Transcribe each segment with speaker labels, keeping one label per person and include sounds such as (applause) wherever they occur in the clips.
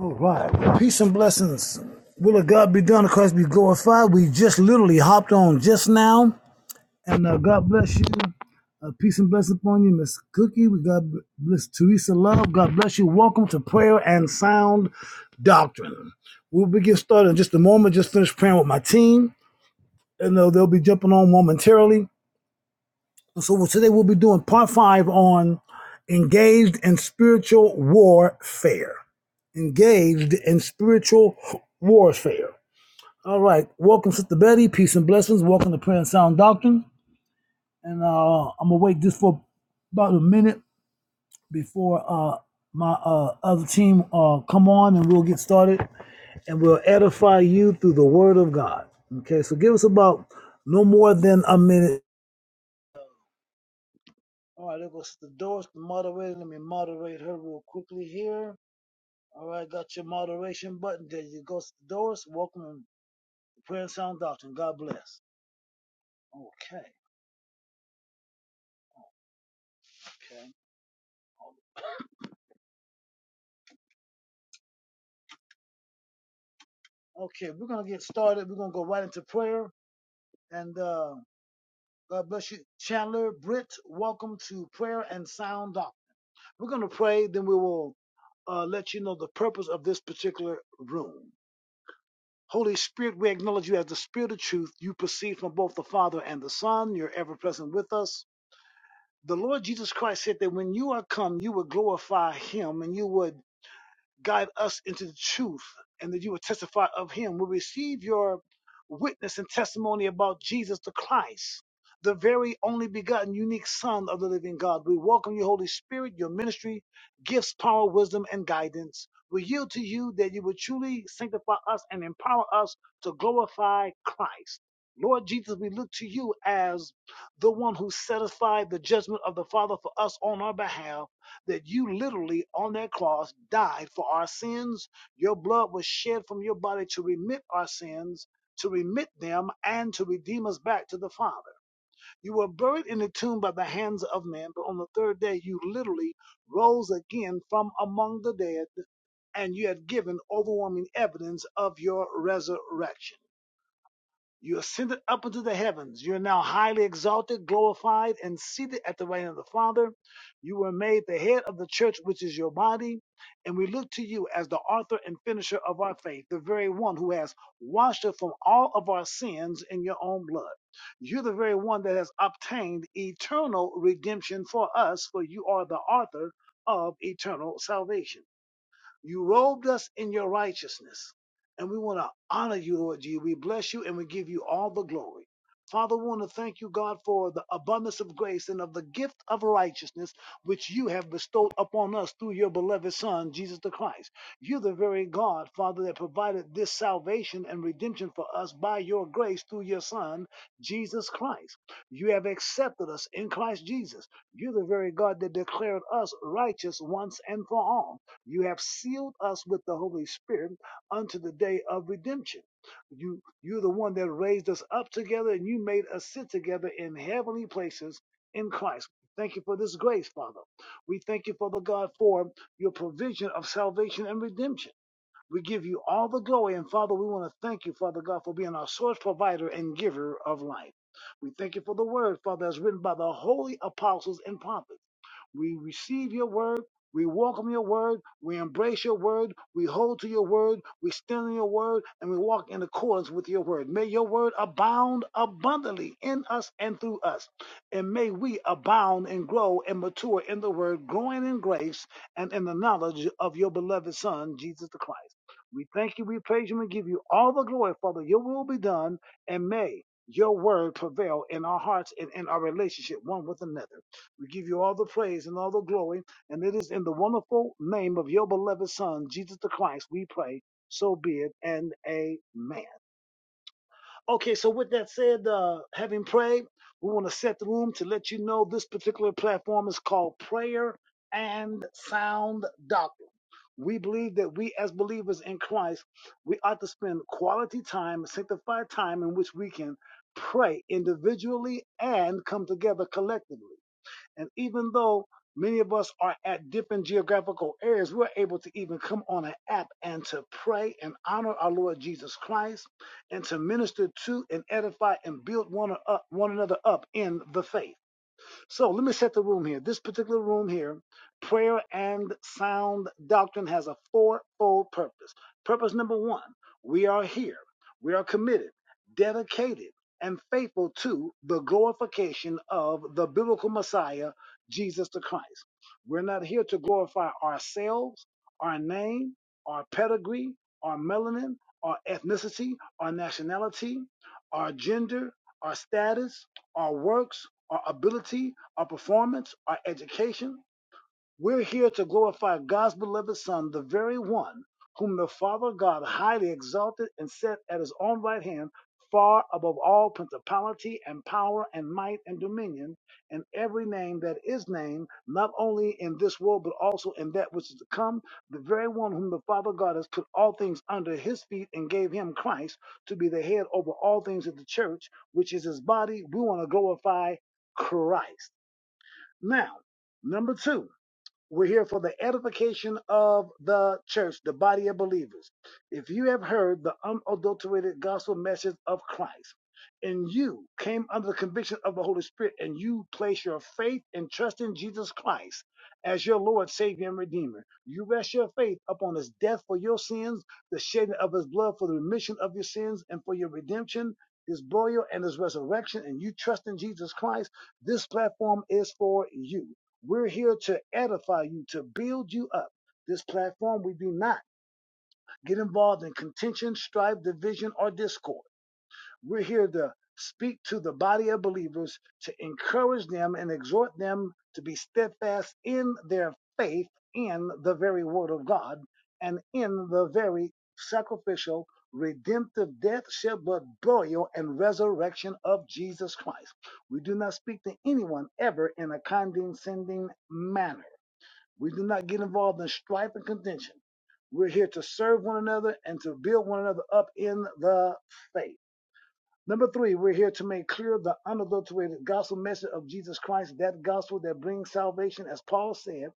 Speaker 1: All right. Well, peace and blessings. Will of God be done? Christ be glorified. We just literally hopped on just now. And uh, God bless you. Uh, peace and blessings upon you, Miss Cookie. We God bless Teresa Love. God bless you. Welcome to Prayer and Sound Doctrine. We'll be getting started in just a moment. Just finished praying with my team. And they they'll be jumping on momentarily. So well, today we'll be doing part five on engaged in spiritual warfare. Engaged in spiritual warfare. All right. Welcome, Sister Betty. Peace and blessings. Welcome to Prayer and Sound Doctrine. And uh, I'm gonna wait just for about a minute before uh, my uh, other team uh, come on, and we'll get started, and we'll edify you through the Word of God. Okay. So give us about no more than a minute. All right, there goes the doors, the moderator. Let me moderate her real quickly here. All right, got your moderation button. There you go, the doors. Welcome to Prayer and Sound Doctrine. God bless. Okay. Okay, we're going to get started. We're going to go right into prayer. And uh, God bless you. Chandler, Britt, welcome to Prayer and Sound Doctrine. We're going to pray, then we will uh, let you know the purpose of this particular room. Holy Spirit, we acknowledge you as the Spirit of truth. You proceed from both the Father and the Son. You're ever present with us. The Lord Jesus Christ said that when you are come, you would glorify him and you would guide us into the truth, and that you will testify of him. We receive your witness and testimony about Jesus the Christ, the very only begotten, unique Son of the living God. We welcome you, Holy Spirit, your ministry, gifts, power, wisdom, and guidance. We yield to you that you would truly sanctify us and empower us to glorify Christ. Lord Jesus, we look to you as the one who satisfied the judgment of the Father for us on our behalf that you literally on that cross died for our sins. Your blood was shed from your body to remit our sins, to remit them, and to redeem us back to the Father. You were buried in the tomb by the hands of men, but on the third day you literally rose again from among the dead, and you have given overwhelming evidence of your resurrection. You ascended up into the heavens. You are now highly exalted, glorified, and seated at the right hand of the Father. You were made the head of the church, which is your body. And we look to you as the author and finisher of our faith, the very one who has washed us from all of our sins in your own blood. You're the very one that has obtained eternal redemption for us, for you are the author of eternal salvation. You robed us in your righteousness. And we want to honor you, Lord G. We bless you and we give you all the glory. Father, we want to thank you, God, for the abundance of grace and of the gift of righteousness which you have bestowed upon us through your beloved Son, Jesus the Christ. You're the very God, Father, that provided this salvation and redemption for us by your grace through your Son, Jesus Christ. You have accepted us in Christ Jesus. You're the very God that declared us righteous once and for all. You have sealed us with the Holy Spirit unto the day of redemption. You, you're the one that raised us up together and you made us sit together in heavenly places in Christ. Thank you for this grace, Father. We thank you, Father God, for your provision of salvation and redemption. We give you all the glory. And Father, we want to thank you, Father God, for being our source provider and giver of life. We thank you for the word, Father, as written by the holy apostles and prophets. We receive your word. We welcome your word. We embrace your word. We hold to your word. We stand on your word and we walk in accordance with your word. May your word abound abundantly in us and through us. And may we abound and grow and mature in the word, growing in grace and in the knowledge of your beloved Son, Jesus the Christ. We thank you, we praise you, and give you all the glory, Father. Your will be done, and may your word prevail in our hearts and in our relationship one with another. We give you all the praise and all the glory, and it is in the wonderful name of your beloved Son, Jesus the Christ, we pray. So be it, and amen. Okay, so with that said, uh, having prayed, we want to set the room to let you know this particular platform is called Prayer and Sound Doctrine. We believe that we, as believers in Christ, we ought to spend quality time, sanctified time in which we can pray individually and come together collectively. And even though many of us are at different geographical areas, we're able to even come on an app and to pray and honor our Lord Jesus Christ and to minister to and edify and build one, up, one another up in the faith. So let me set the room here. This particular room here, prayer and sound doctrine has a fourfold purpose. Purpose number one, we are here. We are committed, dedicated, and faithful to the glorification of the biblical Messiah, Jesus the Christ. We're not here to glorify ourselves, our name, our pedigree, our melanin, our ethnicity, our nationality, our gender, our status, our works, our ability, our performance, our education. We're here to glorify God's beloved Son, the very one whom the Father God highly exalted and set at his own right hand, far above all principality and power and might and dominion, and every name that is named, not only in this world, but also in that which is to come, the very one whom the Father God has put all things under his feet and gave him Christ to be the head over all things of the church, which is his body. We want to glorify Christ. Now, number two, we're here for the edification of the church, the body of believers. If you have heard the unadulterated gospel message of Christ and you came under the conviction of the Holy Spirit and you place your faith and trust in Jesus Christ as your Lord, Savior, and Redeemer, you rest your faith upon his death for your sins, the shedding of his blood for the remission of your sins and for your redemption, his burial and his resurrection, and you trust in Jesus Christ, this platform is for you we're here to edify you, to build you up. This platform, we do not get involved in contention, strife, division, or discord. We're here to speak to the body of believers, to encourage them and exhort them to be steadfast in their faith in the very word of God and in the very sacrificial, redemptive death, shed blood, burial, and resurrection of Jesus Christ. We do not speak to anyone ever in a condescending manner. We do not get involved in strife and contention. We're here to serve one another and to build one another up in the faith. Number three, we're here to make clear the unadulterated gospel message of Jesus Christ, that gospel that brings salvation, as Paul said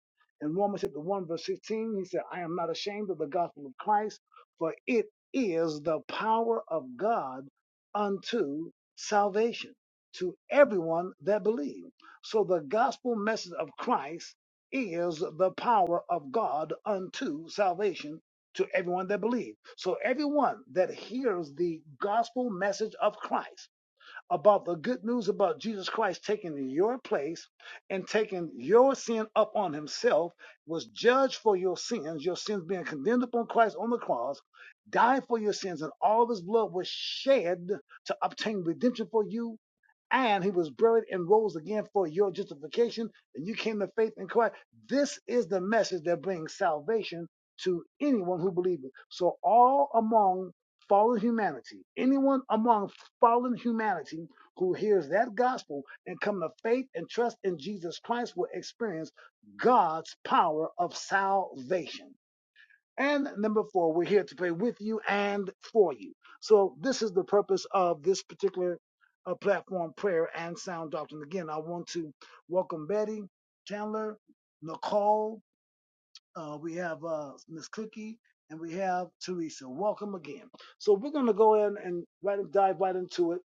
Speaker 1: in Romans chapter 1, verse 16. He said, I am not ashamed of the gospel of Christ, for it is the power of God unto salvation to everyone that believes." So the gospel message of Christ is the power of God unto salvation to everyone that believes. So everyone that hears the gospel message of Christ about the good news about Jesus Christ taking your place and taking your sin up on himself, was judged for your sins, your sins being condemned upon Christ on the cross, died for your sins, and all of his blood was shed to obtain redemption for you and he was buried and rose again for your justification, and you came to faith in Christ. This is the message that brings salvation to anyone who believes it. So all among fallen humanity, anyone among fallen humanity who hears that gospel and come to faith and trust in Jesus Christ will experience God's power of salvation. And number four, we're here to pray with you and for you. So this is the purpose of this particular uh, platform, prayer and sound doctrine. Again, I want to welcome Betty Chandler, Nicole, uh, we have uh, Miss Cookie and we have Teresa. Welcome again. So we're going to go in and right, dive right into it.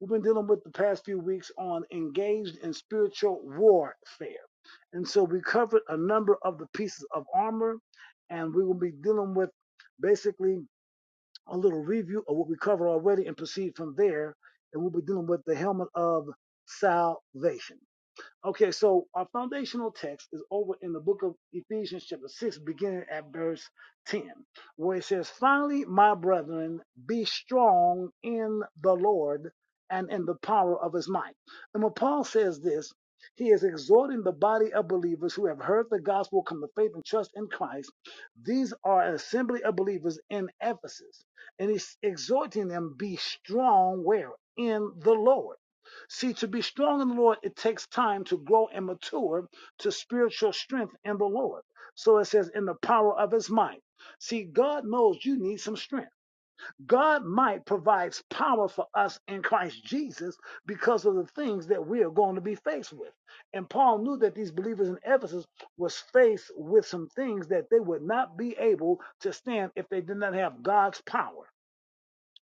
Speaker 1: We've been dealing with the past few weeks on engaged in spiritual warfare. And so we covered a number of the pieces of armor, and we will be dealing with basically a little review of what we covered already and proceed from there. And we'll be dealing with the helmet of salvation. Okay, so our foundational text is over in the book of Ephesians, chapter 6, beginning at verse 10, where it says, Finally, my brethren, be strong in the Lord and in the power of his might. And when Paul says this, he is exhorting the body of believers who have heard the gospel come to faith and trust in Christ. These are an assembly of believers in Ephesus. And he's exhorting them, be strong where? In the Lord. See, to be strong in the Lord, it takes time to grow and mature to spiritual strength in the Lord. So it says, in the power of his might. See, God knows you need some strength. God might provides power for us in Christ Jesus because of the things that we are going to be faced with. And Paul knew that these believers in Ephesus was faced with some things that they would not be able to stand if they did not have God's power.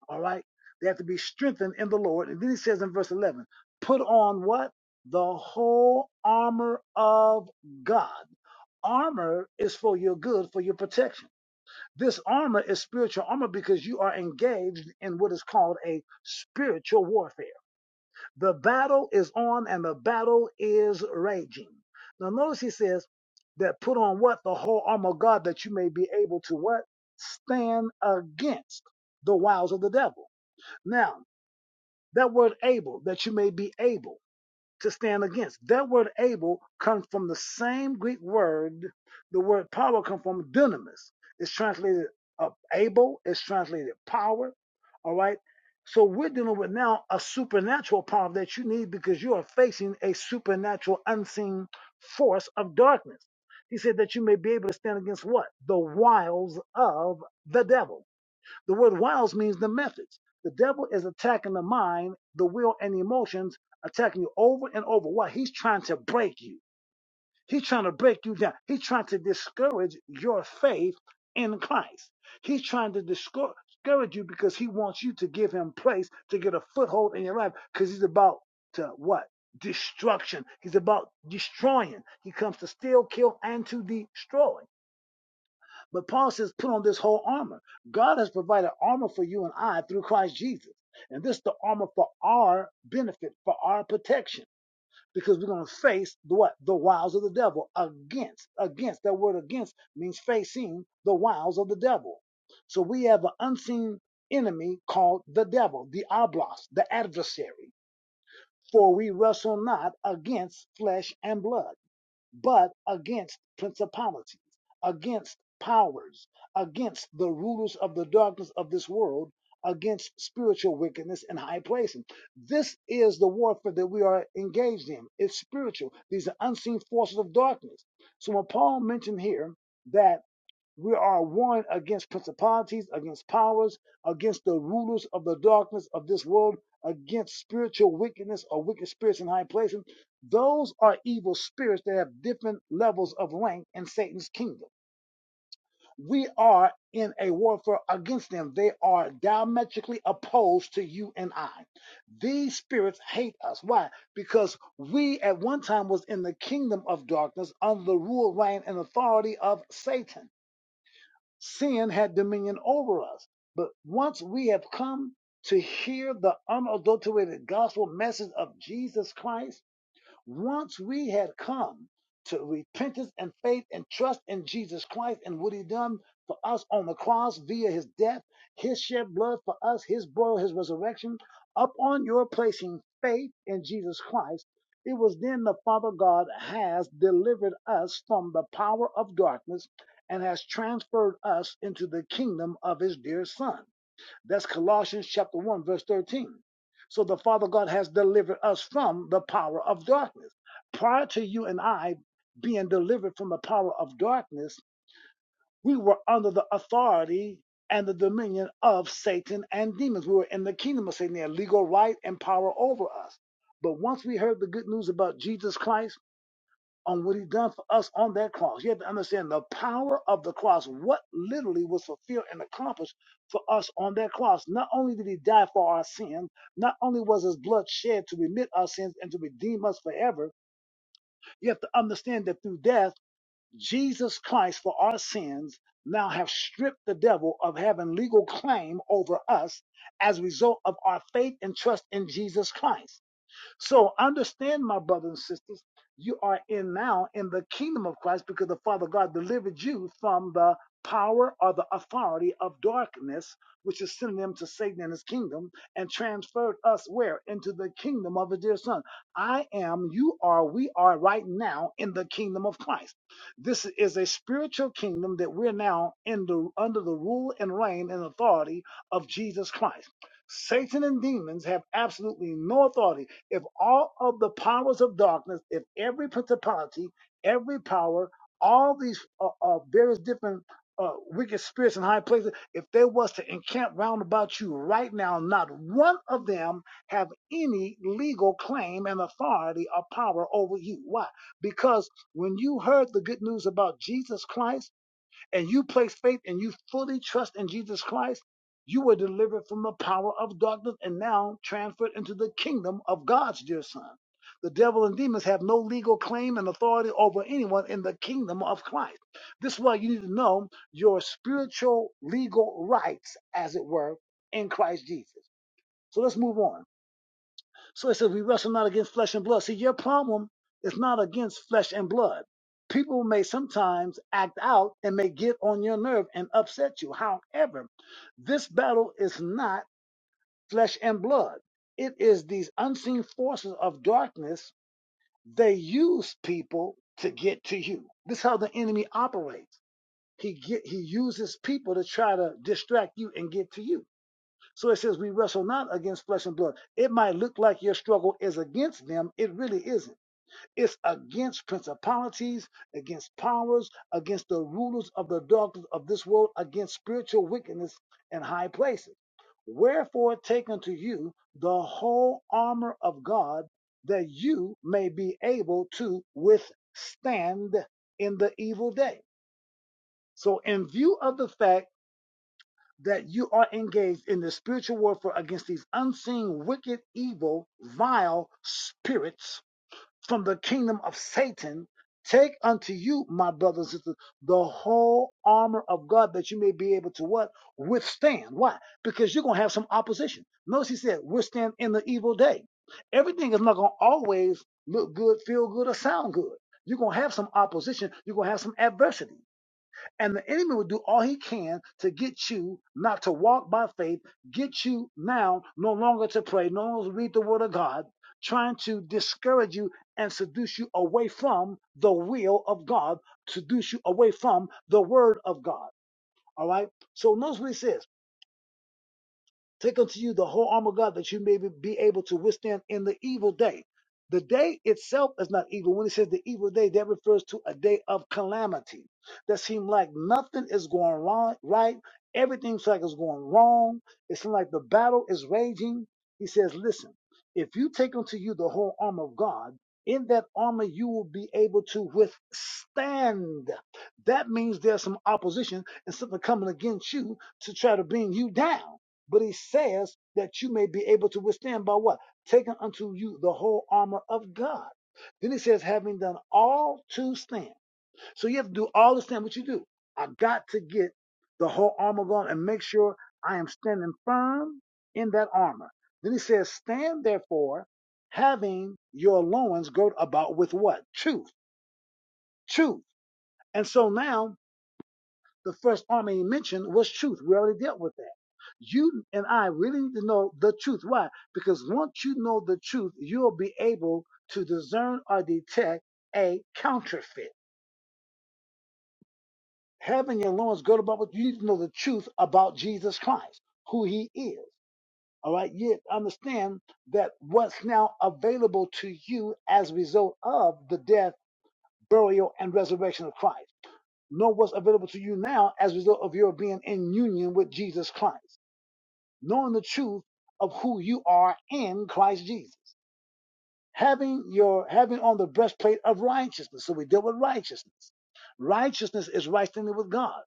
Speaker 1: All right. They have to be strengthened in the Lord. And then he says in verse 11, put on what? The whole armor of God. Armor is for your good, for your protection. This armor is spiritual armor because you are engaged in what is called a spiritual warfare. The battle is on and the battle is raging. Now, notice he says that put on what? The whole armor of God that you may be able to what? Stand against the wiles of the devil. Now, that word able, that you may be able to stand against. That word able comes from the same Greek word, the word power comes from dunamis. It's translated uh, able, it's translated power. All right. So we're dealing with now a supernatural power that you need because you are facing a supernatural unseen force of darkness. He said that you may be able to stand against what? The wiles of the devil. The word wiles means the methods. The devil is attacking the mind, the will, and the emotions, attacking you over and over. Why? He's trying to break you. He's trying to break you down. He's trying to discourage your faith in Christ. He's trying to discour- discourage you because he wants you to give him place to get a foothold in your life because he's about to what? Destruction. He's about destroying. He comes to steal, kill, and to destroy. But Paul says, put on this whole armor. God has provided armor for you and I through Christ Jesus. And this is the armor for our benefit, for our protection. Because we're going to face the what? The wiles of the devil against. Against. That word against means facing the wiles of the devil. So we have an unseen enemy called the devil, the oblos, the adversary. For we wrestle not against flesh and blood but against principalities, against powers, against the rulers of the darkness of this world, against spiritual wickedness in high places. This is the warfare that we are engaged in. It's spiritual. These are unseen forces of darkness. So when Paul mentioned here that we are one against principalities, against powers, against the rulers of the darkness of this world, against spiritual wickedness or wicked spirits in high places. Those are evil spirits that have different levels of rank in Satan's kingdom. We are in a warfare against them. They are diametrically opposed to you and I. These spirits hate us. Why? Because we at one time was in the kingdom of darkness under the rule, reign, and authority of Satan sin had dominion over us. But once we have come to hear the unadulterated gospel message of Jesus Christ, once we had come to repentance and faith and trust in Jesus Christ and what he done for us on the cross via his death, his shed blood for us, his burial, his resurrection, upon your placing faith in Jesus Christ, it was then the Father God has delivered us from the power of darkness and has transferred us into the kingdom of his dear Son. That's Colossians chapter 1, verse 13. So the Father God has delivered us from the power of darkness. Prior to you and I being delivered from the power of darkness, we were under the authority and the dominion of Satan and demons. We were in the kingdom of Satan, they had legal right and power over us. But once we heard the good news about Jesus Christ, on what he done for us on that cross. You have to understand the power of the cross, what literally was fulfilled and accomplished for us on that cross. Not only did he die for our sins, not only was his blood shed to remit our sins and to redeem us forever, you have to understand that through death, Jesus Christ for our sins now have stripped the devil of having legal claim over us as a result of our faith and trust in Jesus Christ. So understand, my brothers and sisters, you are in now in the kingdom of Christ because the Father God delivered you from the power or the authority of darkness, which is synonym to Satan and his kingdom, and transferred us where? Into the kingdom of his dear son. I am, you are, we are right now in the kingdom of Christ. This is a spiritual kingdom that we're now in the, under the rule and reign and authority of Jesus Christ. Satan and demons have absolutely no authority if all of the powers of darkness, if every principality, every power, all these uh, uh, various different uh, wicked spirits in high places, if they was to encamp round about you right now, not one of them have any legal claim and authority or power over you. Why? Because when you heard the good news about Jesus Christ and you place faith and you fully trust in Jesus Christ, you were delivered from the power of darkness and now transferred into the kingdom of God's dear Son. The devil and demons have no legal claim and authority over anyone in the kingdom of Christ. This is why you need to know your spiritual legal rights, as it were, in Christ Jesus. So let's move on. So it says, we wrestle not against flesh and blood. See, your problem is not against flesh and blood. People may sometimes act out and may get on your nerve and upset you. However, this battle is not flesh and blood. It is these unseen forces of darkness. They use people to get to you. This is how the enemy operates. He get, he uses people to try to distract you and get to you. So it says, We wrestle not against flesh and blood. It might look like your struggle is against them. It really isn't. It's against principalities, against powers, against the rulers of the darkness of this world, against spiritual wickedness in high places. Wherefore, take unto you the whole armor of God, that you may be able to withstand in the evil day. So, in view of the fact, that you are engaged in the spiritual warfare against these unseen, wicked, evil, vile spirits from the kingdom of Satan. Take unto you, my brothers and sisters, the whole armor of God that you may be able to what? Withstand. Why? Because you're going to have some opposition. Notice he said, withstand in the evil day. Everything is not going to always look good, feel good, or sound good. You're going to have some opposition. You're going to have some adversity. And the enemy will do all he can to get you not to walk by faith, get you now no longer to pray, no longer to read the word of God, trying to discourage you and seduce you away from the will of God, seduce you away from the word of God. All right. So notice what he says. Take unto you the whole armor of God that you may be able to withstand in the evil day. The day itself is not evil. When it says the evil day, that refers to a day of calamity that seemed like nothing is going wrong, right. Everything seems like it's going wrong. It seems like the battle is raging. He says, listen, if you take unto you the whole armor of God, in that armor you will be able to withstand. That means there's some opposition and something coming against you to try to bring you down. But he says that you may be able to withstand by what? Taking unto you the whole armor of God. Then he says, having done all to stand. So you have to do all to stand. What you do? I got to get the whole armor on and make sure I am standing firm in that armor. Then he says, stand therefore, having your loins girt about with what? Truth. Truth. And so now the first army he mentioned was truth. We already dealt with that. You and I really need to know the truth. Why? Because once you know the truth, you'll be able to discern or detect a counterfeit. Having your loins girded about what you need to know the truth about Jesus Christ, who he is. All right. Yet understand that what's now available to you as a result of the death, burial, and resurrection of Christ. Know what's available to you now as a result of your being in union with Jesus Christ. knowing the truth of who you are in Christ Jesus. Having your having on the breastplate of righteousness. So we deal with righteousness. Righteousness is right standing with God.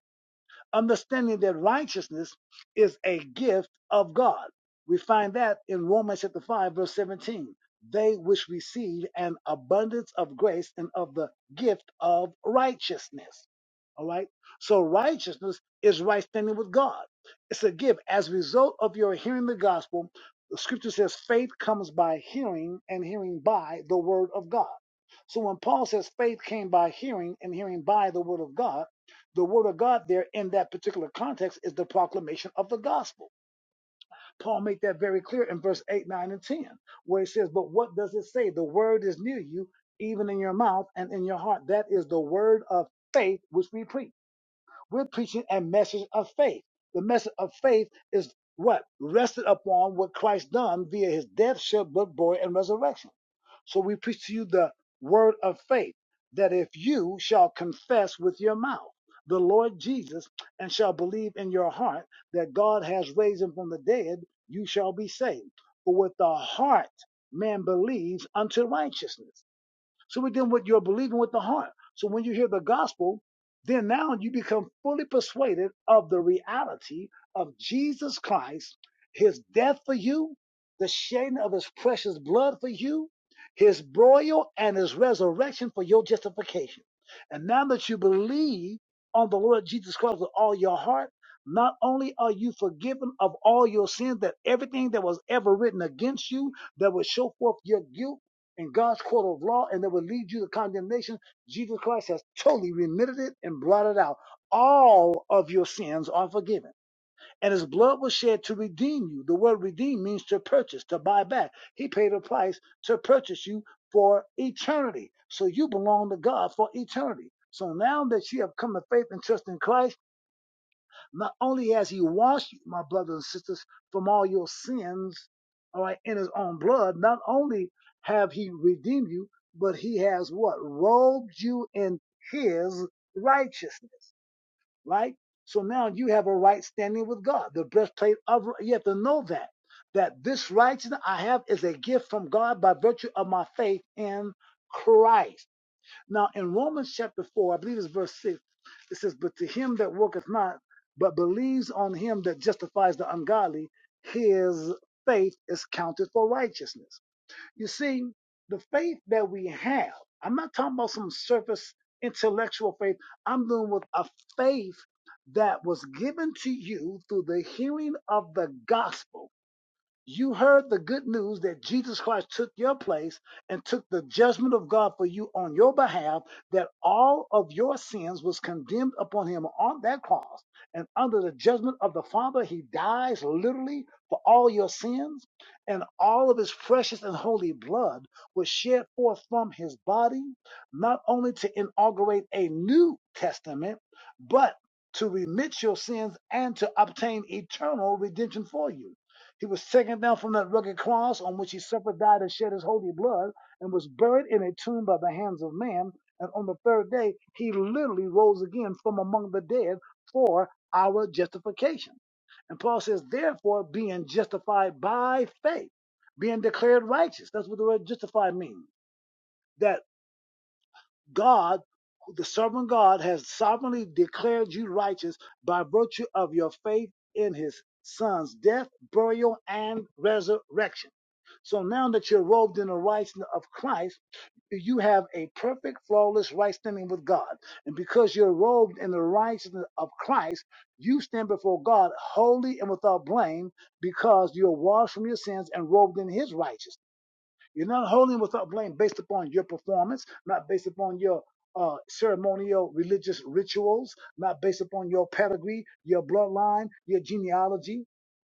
Speaker 1: Understanding that righteousness is a gift of God. We find that in Romans chapter 5, verse 17. They which receive an abundance of grace and of the gift of righteousness. All right. So righteousness is right standing with God. It's a gift. As a result of your hearing the gospel, the scripture says faith comes by hearing and hearing by the word of God. So when Paul says faith came by hearing and hearing by the word of God, the word of God there in that particular context is the proclamation of the gospel. Paul made that very clear in verse 8, 9, and 10, where he says, But what does it say? The word is near you, even in your mouth and in your heart. That is the word of faith which we preach. We're preaching a message of faith. The message of faith is what? Rested upon what Christ done via his death, shed blood, burial, and resurrection. So we preach to you the word of faith that if you shall confess with your mouth the Lord Jesus and shall believe in your heart that God has raised him from the dead, you shall be saved. For with the heart man believes unto righteousness so we're dealing with your believing with the heart. So when you hear the gospel, then now you become fully persuaded of the reality of Jesus Christ, his death for you, the shedding of his precious blood for you, his burial and his resurrection for your justification. And now that you believe on the Lord Jesus Christ with all your heart, not only are you forgiven of all your sins, that everything that was ever written against you that would show forth your guilt in God's court of law and that would lead you to condemnation, Jesus Christ has totally remitted it and blotted out. All of your sins are forgiven. And his blood was shed to redeem you. The word redeem means to purchase, to buy back. He paid a price to purchase you for eternity. So you belong to God for eternity. So now that you have come to faith and trust in Christ, not only has he washed you, my brothers and sisters, from all your sins, all right, in his own blood, not only have he redeemed you, but he has what? Robed you in his righteousness, right? So now you have a right standing with God. The breastplate of, you have to know that, that this righteousness I have is a gift from God by virtue of my faith in Christ. Now in Romans chapter 4, I believe it's verse 6, it says, But to him that worketh not, but believes on him that justifies the ungodly, his faith is counted for righteousness. You see, the faith that we have, I'm not talking about some surface intellectual faith. I'm dealing with a faith that was given to you through the hearing of the gospel. You heard the good news that Jesus Christ took your place and took the judgment of God for you on your behalf, that all of your sins was condemned upon him on that cross. And under the judgment of the Father, he dies literally for all your sins. And all of his precious and holy blood was shed forth from his body, not only to inaugurate a new testament, but to remit your sins and to obtain eternal redemption for you. He was taken down from that rugged cross on which he suffered, died, and shed his holy blood, and was buried in a tomb by the hands of man. And on the third day, he literally rose again from among the dead for our justification. And Paul says, therefore, being justified by faith, being declared righteous. That's what the word justified means. that God, the sovereign God, has sovereignly declared you righteous by virtue of your faith in his son's death, burial, and resurrection. So now that you're robed in the righteousness of Christ, you have a perfect, flawless right standing with God. And because you're robed in the righteousness of Christ, you stand before God holy and without blame because you're washed from your sins and robed in his righteousness. You're not holding without blame based upon your performance, not based upon your uh, ceremonial religious rituals, not based upon your pedigree, your bloodline, your genealogy.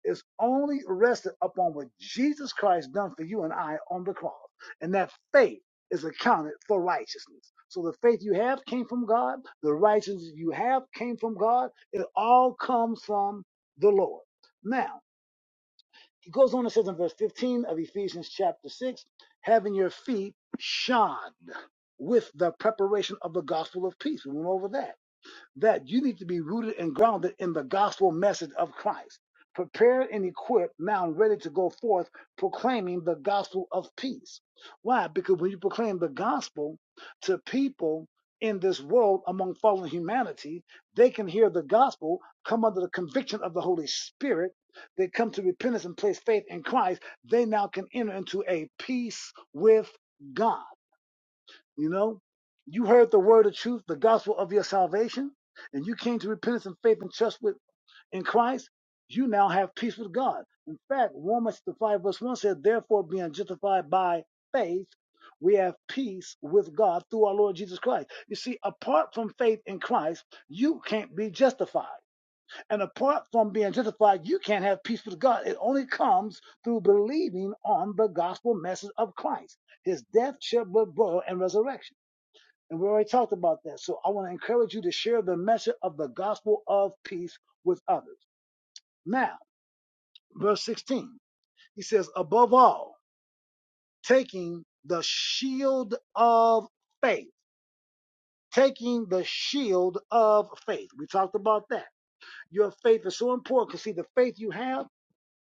Speaker 1: It's only rested upon what Jesus Christ done for you and I on the cross. And that faith is accounted for righteousness. So the faith you have came from God, the righteousness you have came from God. It all comes from the Lord. Now, he goes on and says in verse 15 of Ephesians chapter 6, having your feet shod with the preparation of the gospel of peace. We went over that that you need to be rooted and grounded in the gospel message of Christ, prepared and equipped, now ready to go forth proclaiming the gospel of peace. Why? Because when you proclaim the gospel to people in this world among fallen humanity, they can hear the gospel, come under the conviction of the Holy Spirit. They come to repentance and place faith in Christ. They now can enter into a peace with God. You know, you heard the word of truth, the gospel of your salvation, and you came to repentance and faith and trust with in Christ. You now have peace with God. In fact, Romans the five verse one says, "Therefore, being justified by faith, we have peace with God through our Lord Jesus Christ." You see, apart from faith in Christ, you can't be justified, and apart from being justified, you can't have peace with God. It only comes through believing on the gospel message of Christ, His death, shed blood, burial, and resurrection. And we already talked about that. So I want to encourage you to share the message of the gospel of peace with others. Now, verse 16, he says, above all, taking the shield of faith, taking the shield of faith. We talked about that. Your faith is so important because see, the faith you have.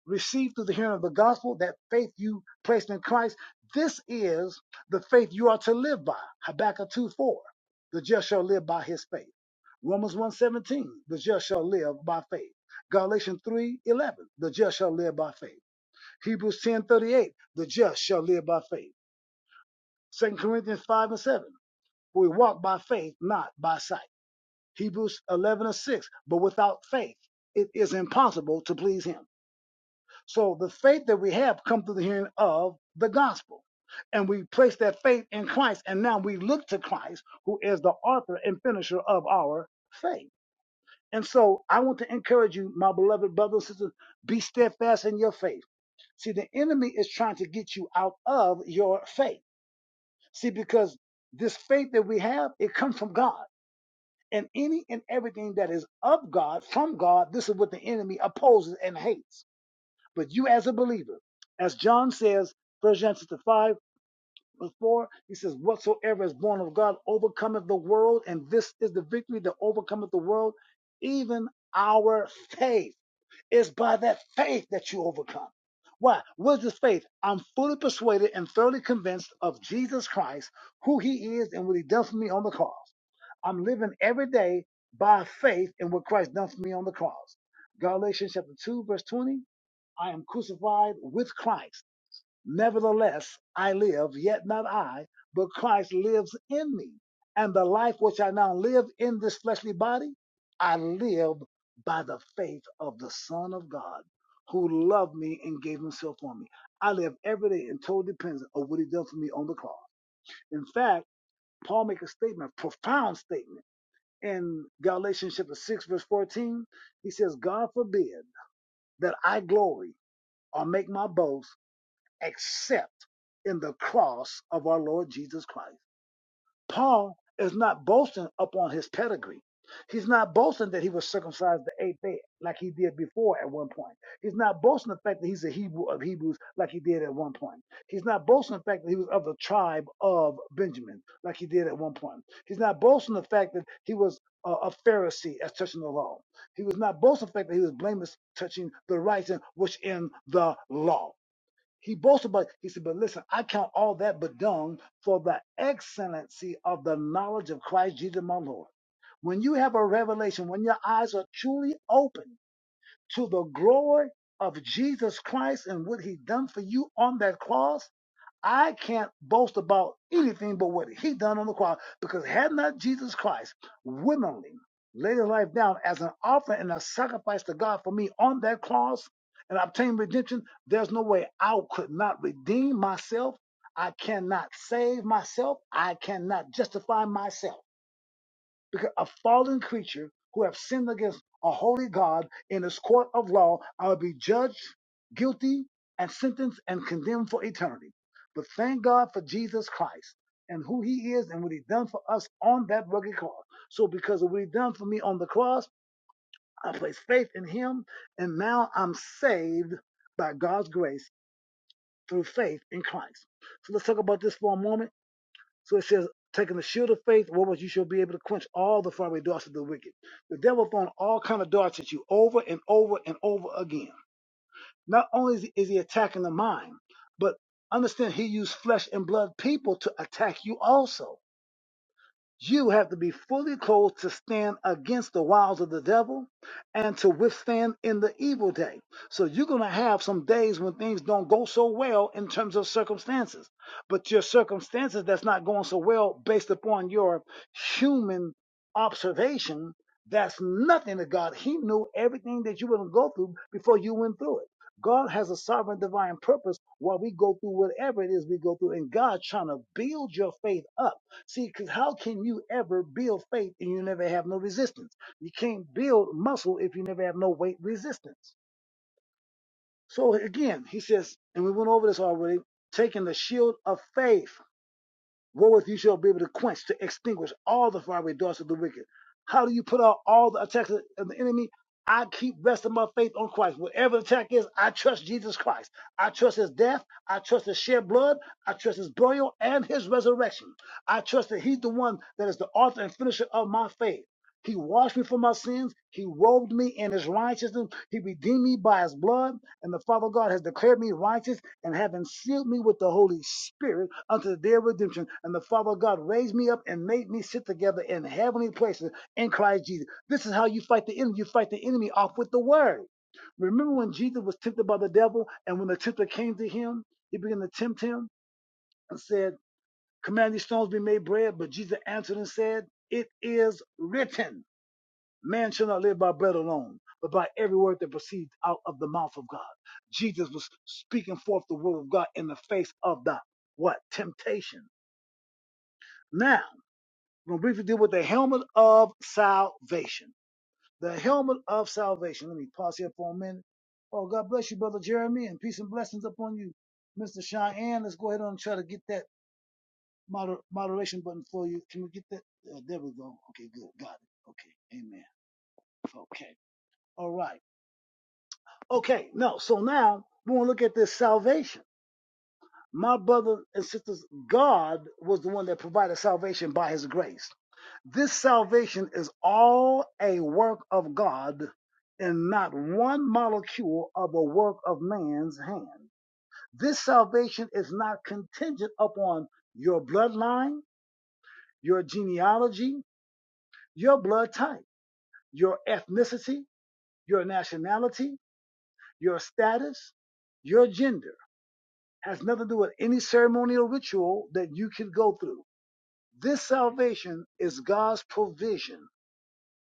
Speaker 1: received through the hearing of the gospel, that faith you placed in Christ, this is the faith you are to live by. Habakkuk 2 4. The just shall live by his faith. Romans one seventeen, The just shall live by faith. Galatians three eleven, The just shall live by faith. Hebrews ten thirty eight, The just shall live by faith. Second Corinthians 5 and 7. For we walk by faith, not by sight. Hebrews 11 and 6. But without faith, it is impossible to please him. So the faith that we have come through the hearing of the gospel. And we place that faith in Christ. And now we look to Christ, who is the author and finisher of our faith. And so I want to encourage you, my beloved brothers and sisters, be steadfast in your faith. See, the enemy is trying to get you out of your faith. See, because this faith that we have, it comes from God. And any and everything that is of God, from God, this is what the enemy opposes and hates. But you as a believer, as John says, First John chapter 5, verse 4, he says, Whatsoever is born of God overcometh the world, and this is the victory that overcometh the world, even our faith. It's by that faith that you overcome. Why? What is this faith? I'm fully persuaded and thoroughly convinced of Jesus Christ, who he is and what he done for me on the cross. I'm living every day by faith in what Christ done for me on the cross. Galatians chapter 2, verse 20. I am crucified with Christ. Nevertheless, I live, yet not I, but Christ lives in me. And the life which I now live in this fleshly body, I live by the faith of the Son of God who loved me and gave himself for me. I live every day in total dependence on what he done for me on the cross. In fact, Paul makes a statement, a profound statement, in Galatians chapter 6, verse 14. He says, God forbid that I glory or make my boast except in the cross of our Lord Jesus Christ. Paul is not boasting upon his pedigree. He's not boasting that he was circumcised the eighth day like he did before at one point. He's not boasting the fact that he's a Hebrew of Hebrews like he did at one point. He's not boasting the fact that he was of the tribe of Benjamin like he did at one point. He's not boasting the fact that he was a, a Pharisee as touching the law. He was not boasting the fact that he was blameless touching the rights and which in the law. He boasted, but he said, But listen, I count all that but dung for the excellency of the knowledge of Christ Jesus my Lord. When you have a revelation, when your eyes are truly open to the glory of Jesus Christ and what he done for you on that cross, I can't boast about anything but what he done on the cross because had not Jesus Christ willingly laid his life down as an offering and a sacrifice to God for me on that cross and obtained redemption, there's no way I could not redeem myself. I cannot save myself. I cannot justify myself because a fallen creature who have sinned against a holy God in his court of law, I will be judged guilty and sentenced and condemned for eternity. But thank God for Jesus Christ and who he is and what he done for us on that rugged cross. So because of what he done for me on the cross, I placed faith in him and now I'm saved by God's grace through faith in Christ. So let's talk about this for a moment so it says, taking the shield of faith, wherewith you shall be able to quench all the fiery darts of the wicked. The devil throwing all kind of darts at you over and over and over again. Not only is he, is he attacking the mind, but understand he used flesh and blood people to attack you also. You have to be fully clothed to stand against the wiles of the devil and to withstand in the evil day. So you're going to have some days when things don't go so well in terms of circumstances, but your circumstances that's not going so well based upon your human observation, that's nothing to God. He knew everything that you were going to go through before you went through it. God has a sovereign divine purpose while we go through whatever it is we go through. And God's trying to build your faith up. See, because how can you ever build faith and you never have no resistance? You can't build muscle if you never have no weight resistance. So again, he says, and we went over this already, taking the shield of faith. Wherewith you shall be able to quench, to extinguish all the fiery darts of the wicked. How do you put out all the attacks of the enemy? I keep resting my faith on Christ. Whatever the attack is, I trust Jesus Christ. I trust his death. I trust his shed blood. I trust his burial and his resurrection. I trust that he's the one that is the author and finisher of my faith. He washed me from my sins. He robed me in his righteousness. He redeemed me by his blood. And the Father God has declared me righteous and having sealed me with the Holy Spirit unto their redemption. And the Father God raised me up and made me sit together in heavenly places in Christ Jesus. This is how you fight the enemy. You fight the enemy off with the word. Remember when Jesus was tempted by the devil, and when the tempter came to him, he began to tempt him and said, Command these stones be made bread. But Jesus answered and said, It is written. Man shall not live by bread alone, but by every word that proceeds out of the mouth of God. Jesus was speaking forth the word of God in the face of the what? Temptation. Now, we're going to briefly deal with the helmet of salvation. The helmet of salvation. Let me pause here for a minute. Oh, God bless you, Brother Jeremy, and peace and blessings upon you. Mr. Cheyenne, let's go ahead and try to get that moder- moderation button for you. Can we get that? Uh, there we go. Okay, good. Got it. Okay. Amen. Okay. All right. Okay, no. So now we want to look at this salvation. My brothers and sisters, God was the one that provided salvation by his grace. This salvation is all a work of God and not one molecule of a work of man's hand. This salvation is not contingent upon your bloodline, your genealogy, your blood type, your ethnicity, your nationality, your status, your gender. has nothing to do with any ceremonial ritual that you could go through. This salvation is God's provision.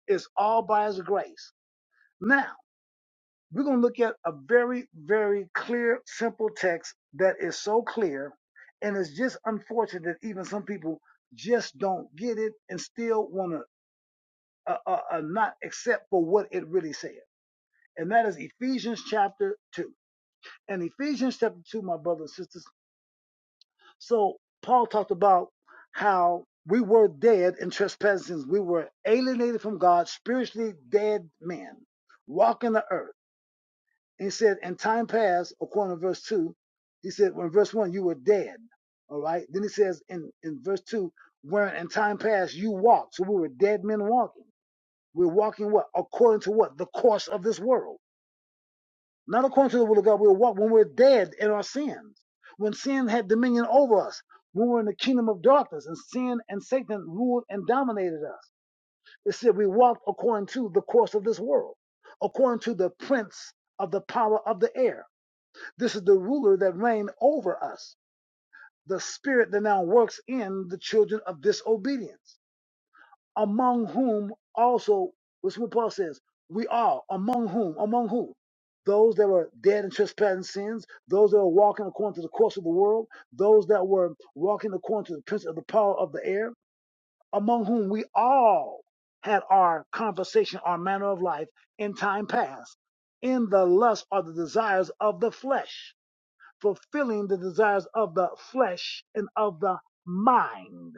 Speaker 1: It's all by his grace. Now, we're going to look at a very, very clear, simple text that is so clear. And it's just unfortunate that even some people just don't get it and still want to uh, uh, uh, not accept for what it really said. And that is Ephesians chapter 2. And Ephesians chapter 2, my brothers and sisters So Paul talked about how we were dead in trespasses. We were alienated from God, spiritually dead men, walking the earth. And he said, in time past, according to verse 2, he said, when verse 1, you were dead. All right. Then he says in, in verse 2, where in time past you walked. So we were dead men walking. We're walking what? According to what? The course of this world not according to the will of God. We'll walk when we're dead in our sins, when sin had dominion over us, when we were in the kingdom of darkness and sin and Satan ruled and dominated us. It said we walked according to the course of this world, according to the prince of the power of the air. This is the ruler that reigned over us, the spirit that now works in the children of disobedience among whom also, which what Paul says, we are among whom, among who? Those that were dead in trespass and sins, those that were walking according to the course of the world, those that were walking according to the prince of the power of the air, among whom we all had our conversation, our manner of life in time past, in the lust or the desires of the flesh, fulfilling the desires of the flesh and of the mind,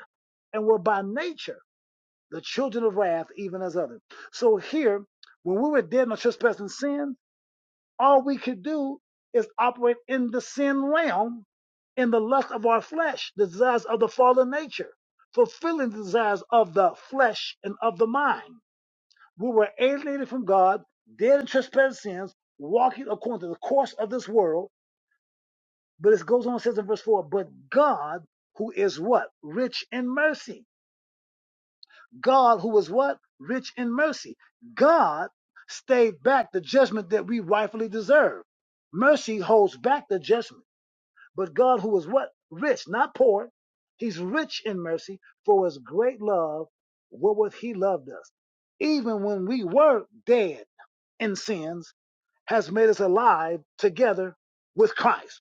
Speaker 1: and were by nature the children of wrath, even as others. So here, when we were dead in our trespass and sin, all we could do is operate in the sin realm, in the lust of our flesh, the desires of the fallen nature, fulfilling the desires of the flesh and of the mind. We were alienated from God, dead in trespass and sins, walking according to the course of this world. But it goes on and says in verse 4, but God, who is what? Rich in mercy God, who was what? Rich in mercy. God stayed back the judgment that we rightfully deserve. Mercy holds back the judgment. But God, who was what? Rich, not poor. He's rich in mercy for his great love, wherewith he loved us. Even when we were dead in sins, has made us alive together with Christ.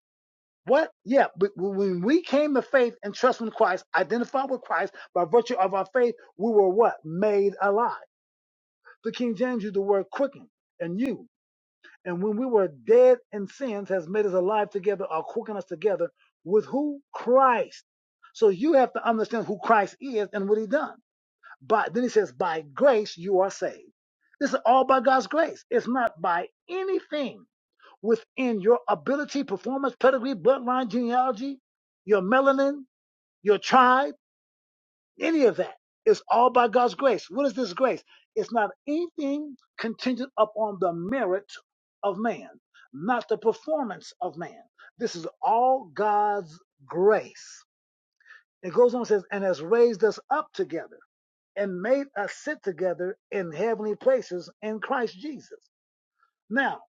Speaker 1: What? Yeah, but when we came to faith and trust in Christ, identified with Christ by virtue of our faith, we were what? Made alive. The King James used the word quickened. and you. And when we were dead in sins, has made us alive together or quickened us together with who? Christ. So you have to understand who Christ is and what he done. But then he says, by grace you are saved. This is all by God's grace. It's not by anything within your ability, performance, pedigree, bloodline, genealogy, your melanin, your tribe, any of that. It's all by God's grace. What is this grace? It's not anything contingent upon the merit of man, not the performance of man. This is all God's grace. It goes on and says, and has raised us up together and made us sit together in heavenly places in Christ Jesus. Now,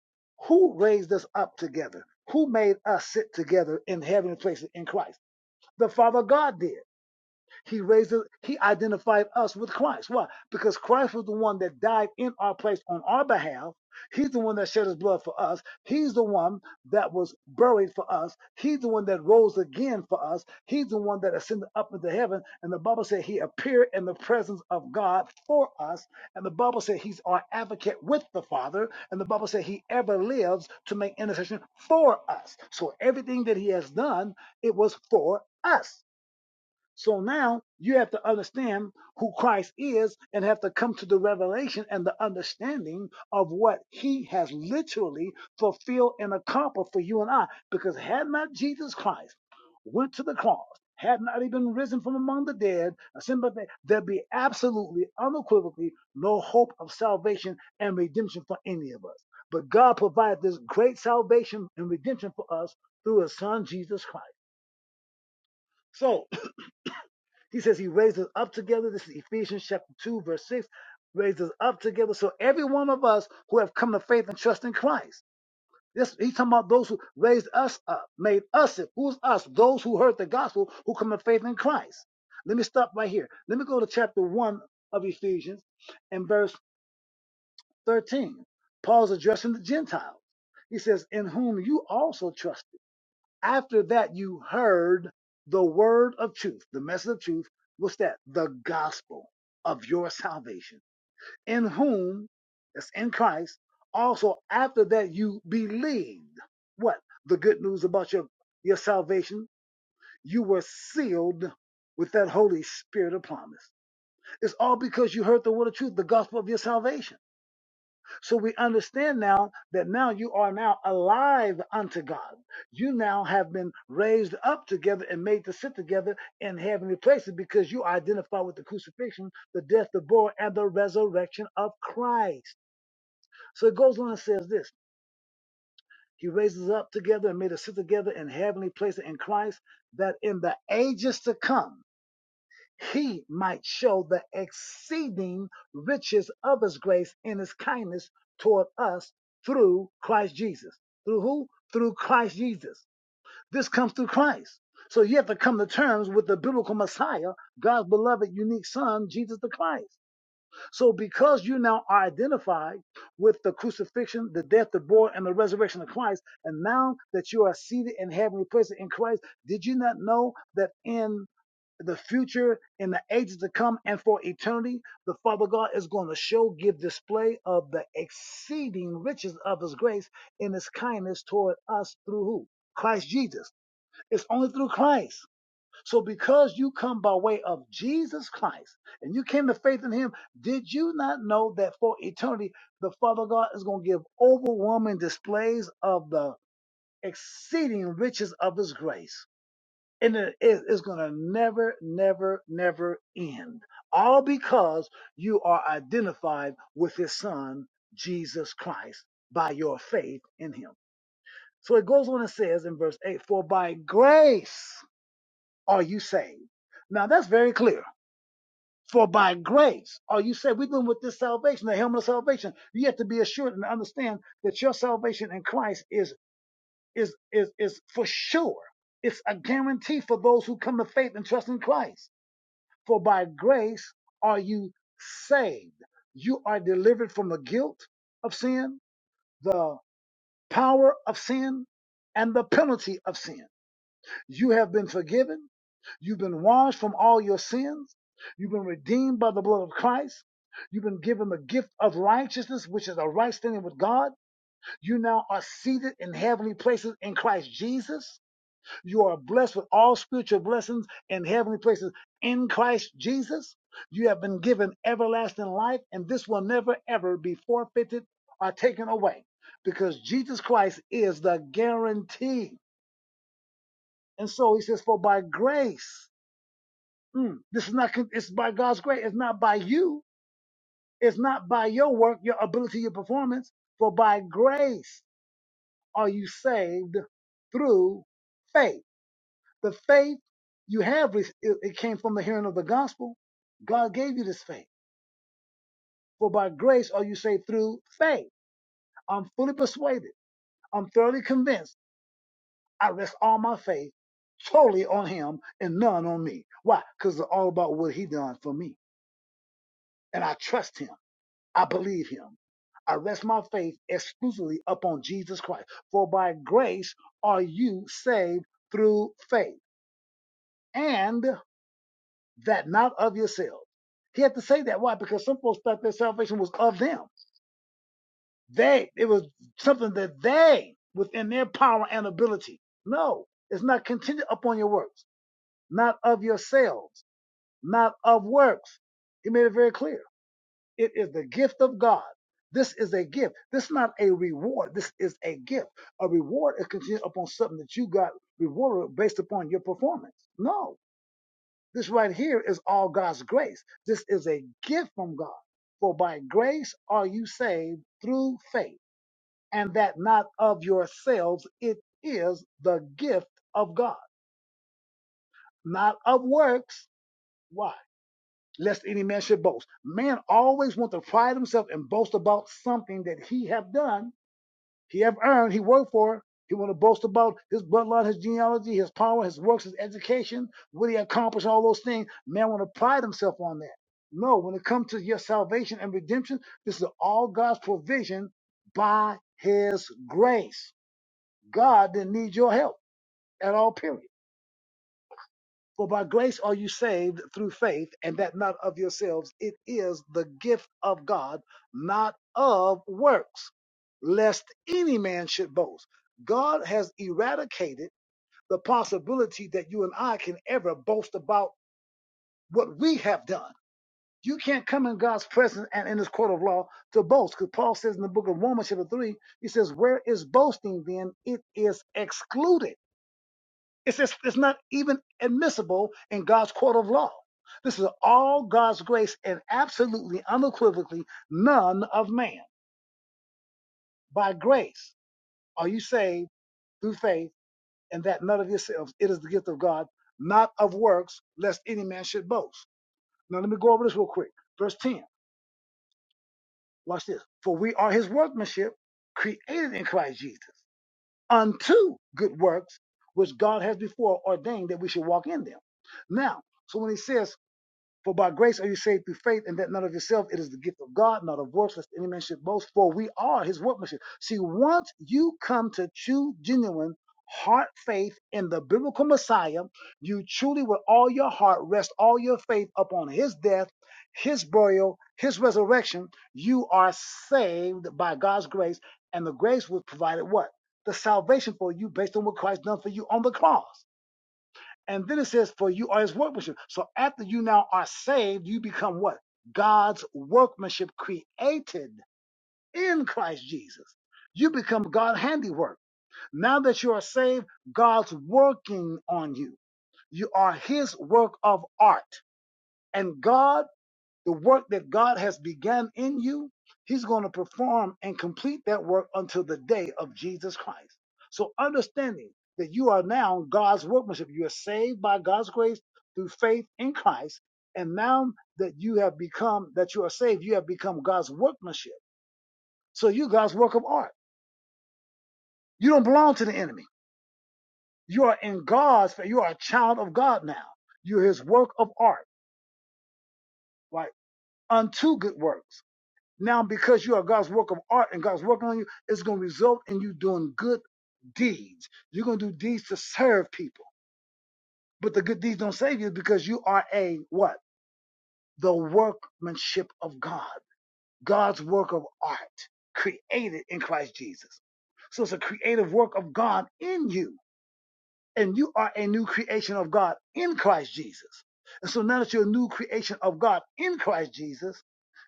Speaker 1: who raised us up together? Who made us sit together in heavenly places in Christ? The Father God did. He raises, he identified us with Christ. Why? Because Christ was the one that died in our place on our behalf. He's the one that shed his blood for us. He's the one that was buried for us. He's the one that rose again for us. He's the one that ascended up into heaven. And the Bible said he appeared in the presence of God for us. And the Bible said he's our advocate with the Father. And the Bible said he ever lives to make intercession for us. So everything that he has done, it was for us. So now you have to understand who Christ is and have to come to the revelation and the understanding of what he has literally fulfilled and accomplished for you and I. Because had not Jesus Christ went to the cross, had not he been risen from among the dead, there'd be absolutely, unequivocally no hope of salvation and redemption for any of us. But God provided this great salvation and redemption for us through his son Jesus Christ. So he says he raised us up together. This is Ephesians chapter 2, verse 6. Raised us up together. So every one of us who have come to faith and trust in Christ. This, he's talking about those who raised us up, made us it. Who's us? Those who heard the gospel, who come to faith in Christ. Let me stop right here. Let me go to chapter 1 of Ephesians and verse 13. Paul's addressing the Gentiles. He says, In whom you also trust after that, you heard the word of truth, the message of truth. What's that? The gospel of your salvation, in whom, that's in Christ. Also, after that, you believed what? The good news about your, your salvation. You were sealed with that Holy Spirit of promise. It's all because you heard the word of truth, the gospel of your salvation. So we understand now that now you are now alive unto God. You now have been raised up together and made to sit together in heavenly places because you identify with the crucifixion, the death, the burial, and the resurrection of Christ. So it goes on and says this. He raises us up together and made us sit together in heavenly places in Christ, that in the ages to come he might show the exceeding riches of his grace and his kindness toward us through Christ Jesus. Through who? Through Christ Jesus. This comes through Christ. So you have to come to terms with the biblical Messiah, God's beloved unique son, Jesus the Christ. So because you now are identified with the crucifixion, the death, the burial, and the resurrection of Christ, and now that you are seated in heavenly places in Christ, did you not know that in the future in the ages to come and for eternity, the Father God is going to show, give display of the exceeding riches of His grace in His kindness toward us through who? Christ Jesus. It's only through Christ. So because you come by way of Jesus Christ and you came to faith in Him, did you not know that for eternity, the Father God is going to give overwhelming displays of the exceeding riches of His grace? and it's going to never, never, never end. All because you are identified with his son, Jesus Christ, by your faith in him. So it goes on and says in verse 8, For by grace are you saved. Now that's very clear. For by grace are you saved. We're dealing with this salvation, the helmet of salvation. You have to be assured and understand that your salvation in Christ is is is is for sure. It's a guarantee for those who come to faith and trust in Christ. For by grace are you saved. You are delivered from the guilt of sin, the power of sin, and the penalty of sin. You have been forgiven. You've been washed from all your sins. You've been redeemed by the blood of Christ. You've been given the gift of righteousness, which is a right standing with God. You now are seated in heavenly places in Christ Jesus. You are blessed with all spiritual blessings in heavenly places in Christ Jesus. You have been given everlasting life, and this will never, ever be forfeited or taken away because Jesus Christ is the guarantee. And so he says, For by grace, mm, this is not, it's by God's grace, it's not by you, it's not by your work, your ability, your performance, for by grace are you saved through faith The faith you have, it it came from the hearing of the gospel. God gave you this faith. For by grace are you saved through faith. I'm fully persuaded. I'm thoroughly convinced. I rest all my faith totally on him and none on me. Why? Because it's all about what he done for me. And I trust him. I believe him. I rest my faith exclusively upon Jesus Christ. For by grace are you saved through faith. And that not of yourselves. He had to say that. Why? Because some folks thought their salvation was of them. They, it was something that they, within their power and ability. No, it's not contingent upon your works, not of yourselves, not of works. He made it very clear. It is the gift of God. This is a gift. This is not a reward. This is a gift. A reward is contingent upon something that you got rewarded based upon your performance. No, This right here is all God's grace. This is a gift from God. For by grace are you saved through faith, and that not of yourselves. It is the gift of God, not of works. Why? Lest any man should boast. Man always wants to pride himself and boast about something that he have done He have earned, he worked for He want to boast about his bloodline, his genealogy, his power, his works, his education, what he accomplished, all those things. Man want to pride himself on that. No, when it comes to your salvation and redemption, this is all God's provision by his grace. God didn't need your help at all, period. For by grace are you saved through faith, and that not of yourselves. It is the gift of God, not of works, lest any man should boast. God has eradicated the possibility that you and I can ever boast about what we have done. You can't come in God's presence and in his court of law to boast. Because Paul says in the book of Romans, chapter 3, he says, Where is boasting then? It is excluded. It's just it's not even admissible in God's court of law. This is all God's grace and absolutely unequivocally none of man. By grace are you saved through faith, and that none of yourselves. It is the gift of God, not of works, lest any man should boast. Now let me go over this real quick. Verse 10. Watch this. For we are his workmanship, created in Christ Jesus, unto good works, which God has before ordained that we should walk in them. Now, so when he says For by grace are you saved through faith, and that not of yourself. It is the gift of God, not of works, lest any man should boast. For we are his workmanship. See, once you come to true, genuine heart faith in the biblical Messiah, you truly, with all your heart, rest all your faith upon his death, his burial, his resurrection. You are saved by God's grace, and the grace was provided what? The salvation for you based on what Christ done for you on the cross. And then it says, for you are his workmanship. So after you now are saved, you become what? God's workmanship created in Christ Jesus. You become God's handiwork. Now that you are saved, God's working on you. You are his work of art. And God the work that God has begun in you, He's going to perform and complete that work until the day of Jesus Christ. So, understanding that you are now God's workmanship, you are saved by God's grace through faith in Christ. And now that you have become, that you are saved, you have become God's workmanship. So, you God's work of art. You don't belong to the enemy. You are in God's, you are a child of God now. You're His work of art, right? Unto good works. Now, because you are God's work of art and God's working on you, it's going to result in you doing good deeds. You're going to do deeds to serve people. But the good deeds don't save you because you are a what? The workmanship of God, God's work of art created in Christ Jesus. So it's a creative work of God in you. And you are a new creation of God in Christ Jesus. And so now that you're a new creation of God in Christ Jesus,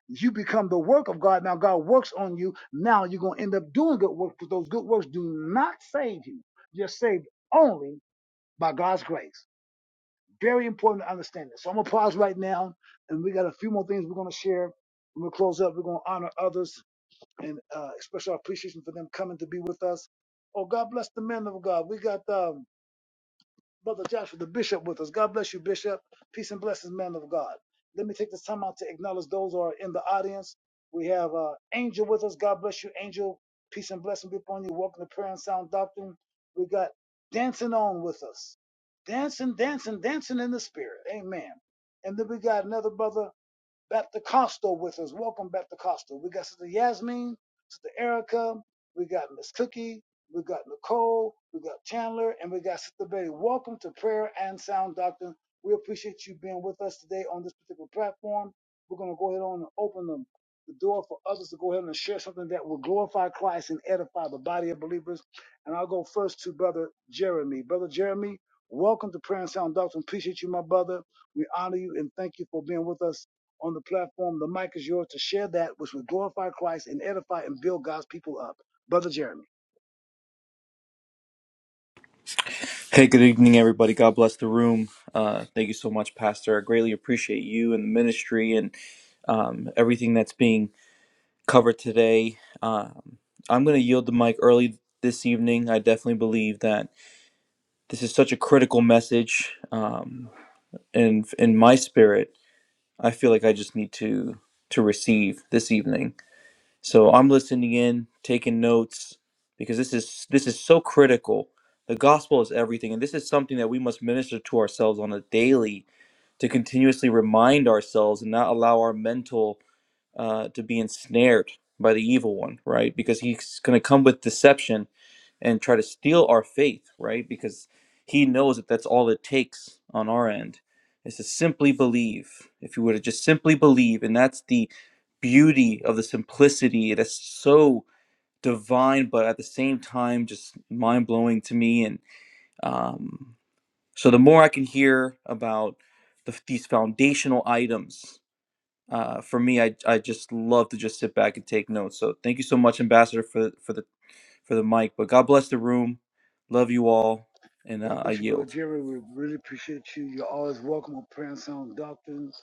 Speaker 1: You become the work of God. Now God works on you. Now you're going to end up doing good works because those good works do not save you. You're saved only by God's grace. Very important to understand this. So I'm going to pause right now and we got a few more things we're going to share. We're going to close up. We're going to honor others and uh, express our appreciation for them coming to be with us. Oh, God bless the men of God. We got, um, Brother Joshua, the bishop with us. God bless you, bishop. Peace and blessings, man of God. Let me take this time out to acknowledge those who are in the audience. We have uh, Angel with us. God bless you, Angel. Peace and blessing be upon you. Welcome to Prayer and Sound Doctrine. We got Dancing On with us. Dancing, dancing, dancing in the spirit. Amen. And then we got another brother. Baptist Costo with us. Welcome, Baptist Costo. We got Sister Yasmin, Sister Erica, we got Miss Cookie, we got Nicole, we got Chandler, and we got Sister Betty. Welcome to Prayer and Sound Doctrine. We appreciate you being with us today on this particular platform. We're going to go ahead on and open the, the door for others to go ahead and share something that will glorify Christ and edify the body of believers. And I'll go first to Brother Jeremy. Brother Jeremy, welcome to Prayer and Sound Doctrine. Appreciate you, my brother. We honor you and thank you for being with us on the platform. The mic is yours to share that which would glorify Christ and edify and build God's people up. Brother Jeremy.
Speaker 2: Hey, good evening, everybody. God bless the room. Uh, thank you so much, Pastor. I greatly appreciate you and the ministry and um, everything that's being covered today. Um, I'm going to yield the mic early this evening. I definitely believe that this is such a critical message, um, and in my spirit, I feel like I just need to to receive this evening. So I'm listening in, taking notes because this is this is so critical. The gospel is everything and this is something that we must minister to ourselves on a daily to continuously remind ourselves and not allow our mental uh, to be ensnared by the evil one, right? Because he's going to come with deception and try to steal our faith, right? Because he knows that that's all it takes on our end is to simply believe. If you were to just simply believe, and that's the beauty of the simplicity that's so divine, but at the same time, just mind blowing to me. And um, so the more I can hear about the, these foundational items uh, for me, I, I just love to just sit back and take notes. So thank you so much, Ambassador, for for the for the mic. But God bless the room. Love you all, and
Speaker 1: God
Speaker 2: uh, I
Speaker 1: bless you, Brother
Speaker 2: yield.
Speaker 1: Jeremy. We really appreciate you. You're always welcome on Prayer and Sound Doctrines.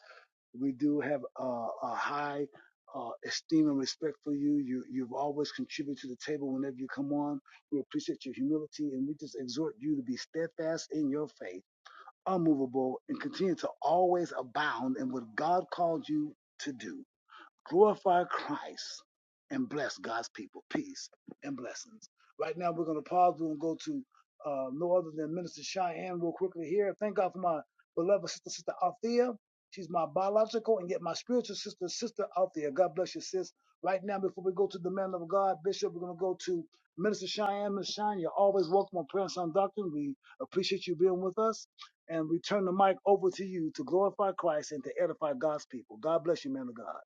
Speaker 1: We do have uh, a high uh, esteem and respect for you. you. You've always contributed to the table whenever you come on. We appreciate your humility and we just exhort you to be steadfast in your faith, unmovable, and continue to always abound in what God called you to do. glorify Christ and bless God's people. Peace and blessings. Right now, we're going to pause. We're going to go to uh, no other than Minister Cheyenne real quickly here. Thank God for my beloved sister, Sister Althea. She's my biological and yet my spiritual sister, Sister Althea. God bless you, sis. Right now, before we go to the man of God, Bishop, we're going to go to Minister Cheyenne. Miss Cheyenne, you're always welcome on Prayer and Sound Doctrine. We appreciate you being with us. And we turn the mic over to you to glorify Christ and to edify God's people. God bless you, man of God.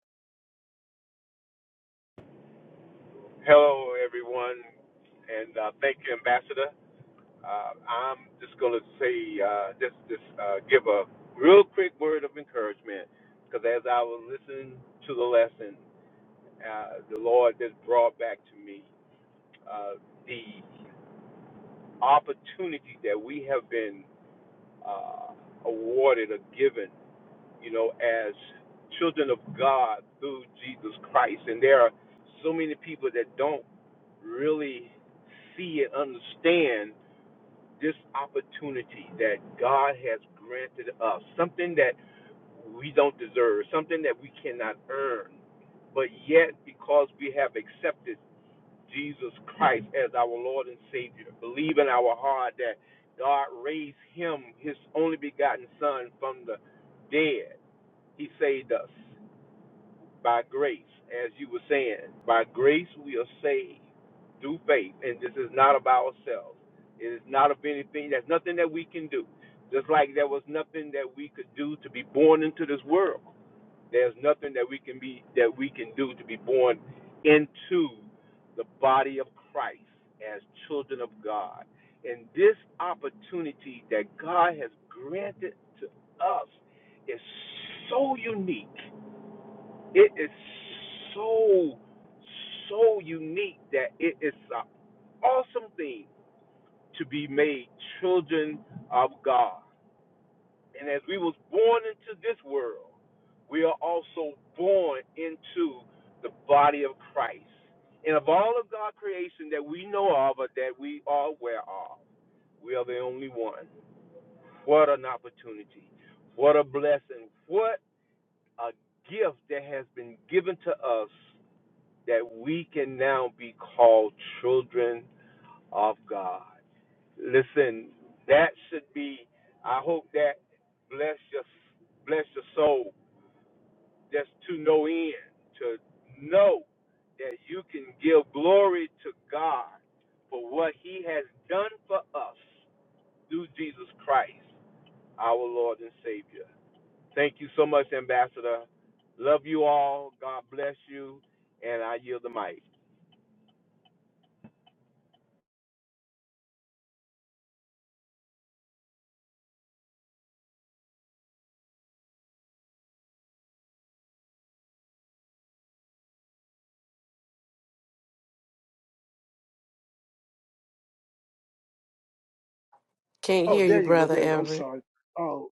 Speaker 3: Can't
Speaker 1: Oh,
Speaker 3: hear you,
Speaker 1: there you go.
Speaker 3: Brother
Speaker 1: There. I'm
Speaker 3: Everett.
Speaker 1: sorry. Oh,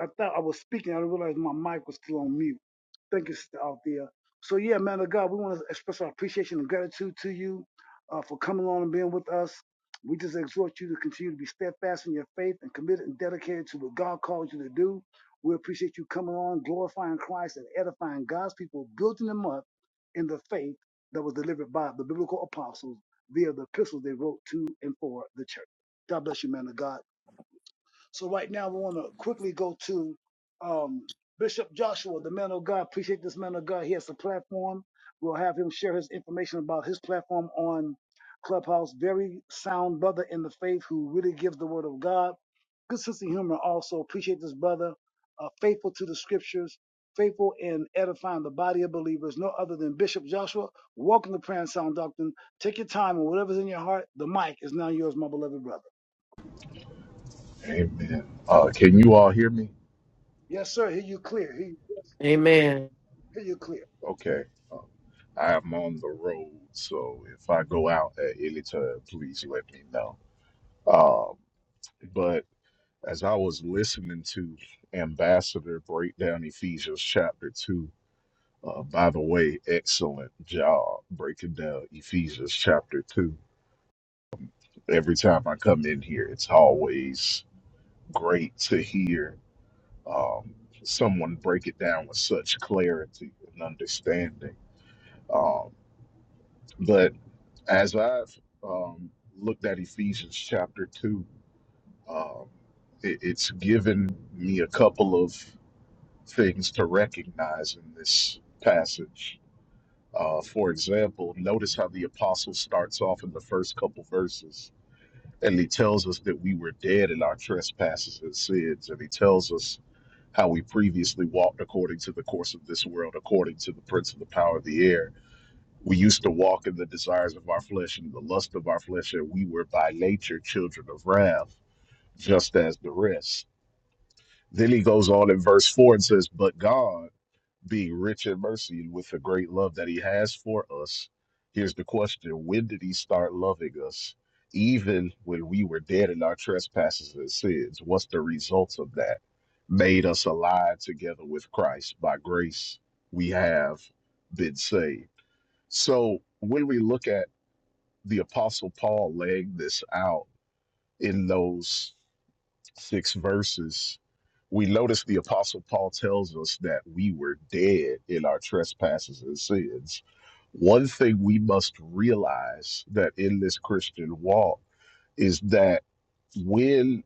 Speaker 1: I thought I was speaking. I didn't realize my mic was still on mute. Thank you, sister out there. So yeah, man of God, we want to express our appreciation and gratitude to you uh, for coming on and being with us. We just exhort you to continue to be steadfast in your faith and committed and dedicated to what God called you to do. We appreciate you coming on, glorifying Christ and edifying God's people, building them up in the faith that was delivered by the biblical apostles via the epistles they wrote to and for the church. God bless you, man of God. So right now we want to quickly go to um, Bishop Joshua, the man of God. Appreciate this man of God. He has a platform. We'll have him share his information about his platform on Clubhouse. Very sound brother in the faith who really gives the word of God. Good sense of humor also. Appreciate this brother. Uh, faithful to the scriptures. Faithful in edifying the body of believers. No other than Bishop Joshua. Welcome to Prayer and Sound Doctrine. Take your time and whatever's in your heart, the mic is now yours, my beloved brother.
Speaker 4: Amen. Uh, can you all hear me?
Speaker 1: Yes, sir. Hear you clear. Hear you
Speaker 3: Amen.
Speaker 1: Hear you clear.
Speaker 4: Okay. Uh, I'm on the road, so if I go out at any time, please let me know. Um, but as I was listening to Ambassador break down Ephesians chapter 2, uh, by the way, excellent job breaking down Ephesians chapter 2. Every time I come in here, it's always great to hear um, someone break it down with such clarity and understanding Um, but as I've um, looked at Ephesians chapter 2, um, it, it's given me a couple of things to recognize in this passage. Uh, for example, notice how the apostle starts off in the first couple verses, and he tells us that we were dead in our trespasses and sins, and he tells us how we previously walked according to the course of this world, according to the prince of the power of the air We used to walk in the desires of our flesh and the lust of our flesh, and we were by nature children of wrath, just as the rest. Then he goes on in verse 4 and says, But God, being rich in mercy and with the great love that he has for us, here's the question when did he start loving us? Even when we were dead in our trespasses and sins, what's the results of that? Made us alive together with Christ. By grace, we have been saved. So when we look at the apostle paul laying this out in those six verses we notice the apostle paul tells us that we were dead in our trespasses and sins one thing we must realize that in this christian walk is that when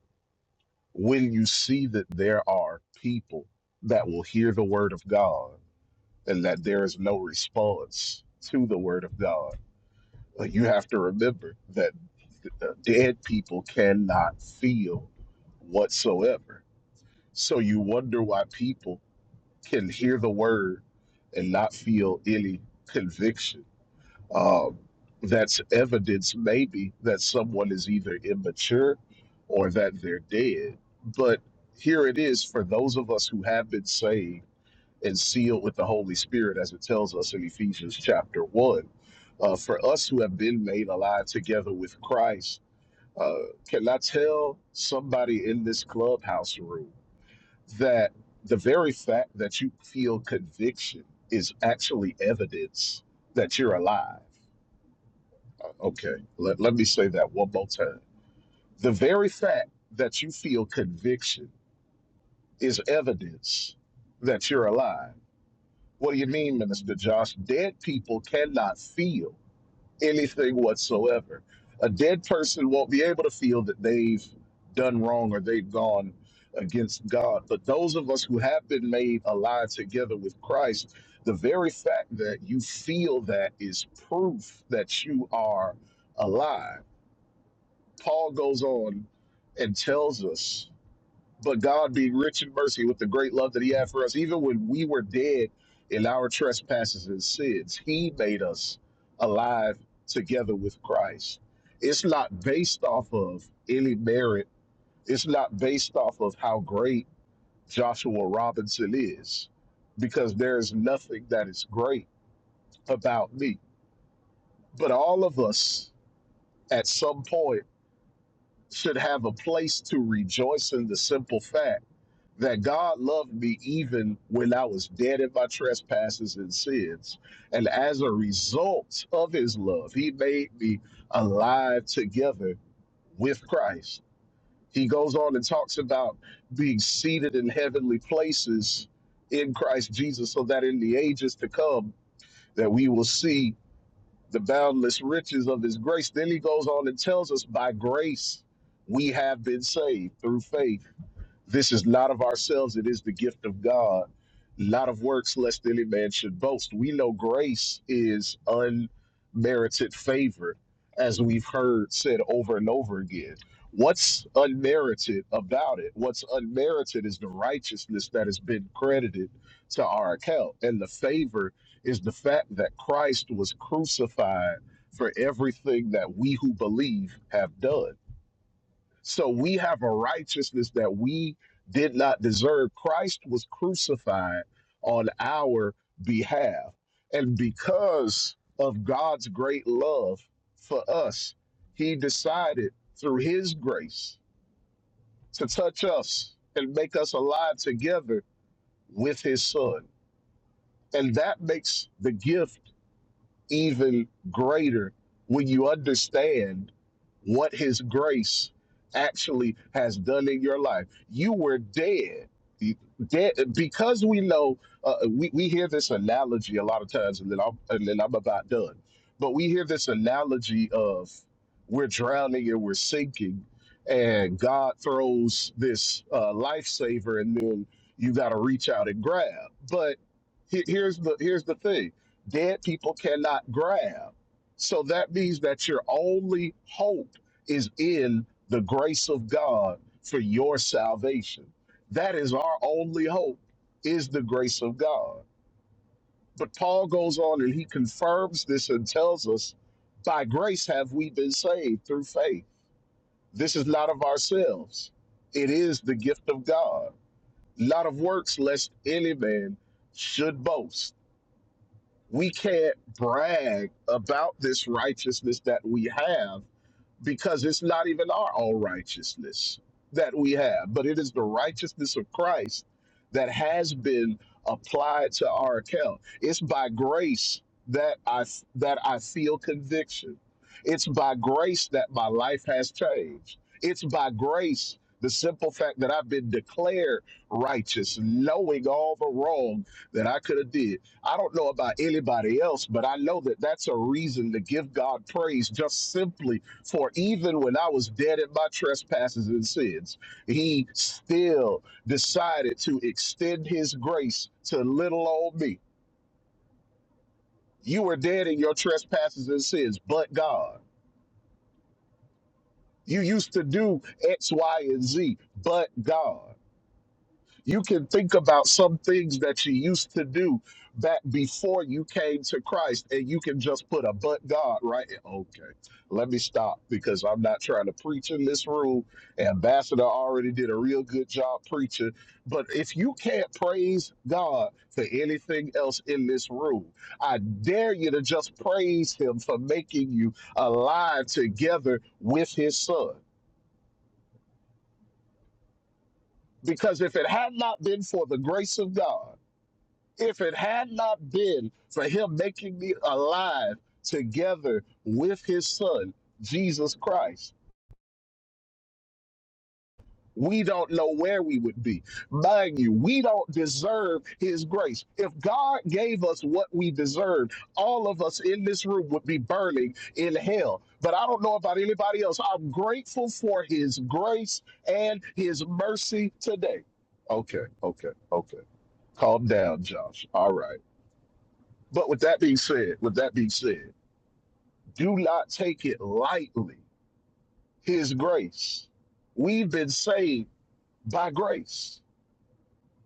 Speaker 4: when you see that there are people that will hear the word of god and that there is no response to the word of god you have to remember that dead people cannot feel whatsoever. So you wonder why people can hear the word and not feel any conviction. Um, that's evidence, maybe, that someone is either immature or that they're dead. But here it is for those of us who have been saved and sealed with the Holy Spirit, as it tells us in Ephesians chapter 1. Uh, for us who have been made alive together with Christ uh, can I tell somebody in this clubhouse room that the very fact that you feel conviction is actually evidence that you're alive? Okay, let, let me say that one more time. The very fact that you feel conviction is evidence that you're alive. What do you mean, Minister Josh? Dead people cannot feel anything whatsoever. A dead person won't be able to feel that they've done wrong or they've gone against God. But those of us who have been made alive together with Christ, the very fact that you feel that is proof that you are alive. Paul goes on and tells us but God being rich in mercy with the great love that he had for us, even when we were dead in our trespasses and sins, he made us alive together with Christ. It's not based off of any merit. It's not based off of how great Joshua Robinson is, because there is nothing that is great about me. But all of us at some point should have a place to rejoice in the simple fact that God loved me even when I was dead in my trespasses and sins. And as a result of his love, he made me alive together with Christ. He goes on and talks about being seated in heavenly places in Christ Jesus so that in the ages to come that we will see the boundless riches of his grace. Then he goes on and tells us by grace we have been saved through faith this is not of ourselves, it is the gift of God. Not of works, lest any man should boast. We know grace is unmerited favor, as we've heard said over and over again. What's unmerited about it? What's unmerited is the righteousness that has been credited to our account. And the favor is the fact that Christ was crucified for everything that we who believe have done so we have a righteousness that we did not deserve. Christ was crucified on our behalf. And because of God's great love for us, he decided through his grace to touch us and make us alive together with his son. And that makes the gift even greater when you understand what His grace actually has done in your life. You were dead. Dead because we know uh, we we hear this analogy a lot of times, and then I'm and then I'm about done. But we hear this analogy of we're drowning and we're sinking, and God throws this uh, lifesaver, and then you got to reach out and grab. But he- here's the here's the thing dead people cannot grab. So that means that your only hope is in the grace of God for your salvation. That is our only hope is the grace of God. But Paul goes on and he confirms this and tells us by grace have we been saved through faith. This is not of ourselves. It is the gift of God, not of works, lest any man should boast we can't brag about this righteousness that we have because it's not even our own righteousness that we have, but it is the righteousness of Christ that has been applied to our account. It's by grace that I that I feel conviction. It's by grace that my life has changed. It's by grace the simple fact that I've been declared righteous, knowing all the wrong that I could have did. I don't know about anybody else, but I know that that's a reason to give God praise just simply for even when I was dead in my trespasses and sins, he still decided to extend his grace to little old me. You were dead in your trespasses and sins, but God. You used to do X, Y, and Z, but God. You can think about some things that you used to do back before you came to Christ, and you can just put a but God right. Okay, let me stop because I'm not trying to preach in this room. Ambassador already did a real good job preaching. But if you can't praise God for anything else in this room, I dare you to just praise Him for making you alive together with His Son. Because if it had not been for the grace of God, If it had not been for him making me alive together with his son, Jesus Christ, we don't know where we would be. Mind you, we don't deserve his grace. If God gave us what we deserved, all of us in this room would be burning in hell. But I don't know about anybody else. I'm grateful for his grace and his mercy today. Okay, okay, okay. Calm down, Josh. All right. But with that being said, with that being said, do not take it lightly. His grace. We've been saved by grace.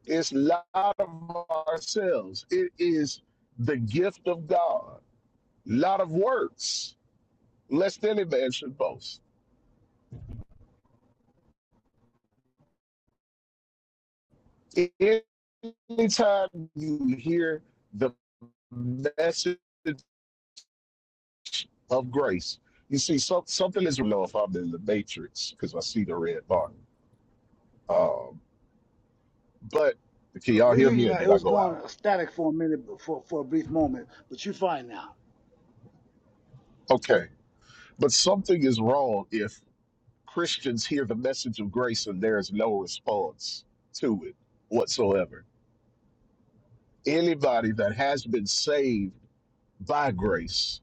Speaker 4: It's not of ourselves. It is the gift of God. Not of works, lest any man should boast. Anytime you hear the message of grace, you see so, something is. You know if I'm in the matrix because I see the red bar. Um, But can
Speaker 1: Look,
Speaker 4: y'all
Speaker 1: we
Speaker 4: hear
Speaker 1: hear you
Speaker 4: me or
Speaker 1: now. It
Speaker 4: did I
Speaker 1: was
Speaker 4: go
Speaker 1: going
Speaker 4: out?
Speaker 1: static for a minute, but for for a brief moment, but you fine now.
Speaker 4: Okay. But something is wrong if Christians hear the message of grace and there is no response to it whatsoever. Anybody that has been saved by grace,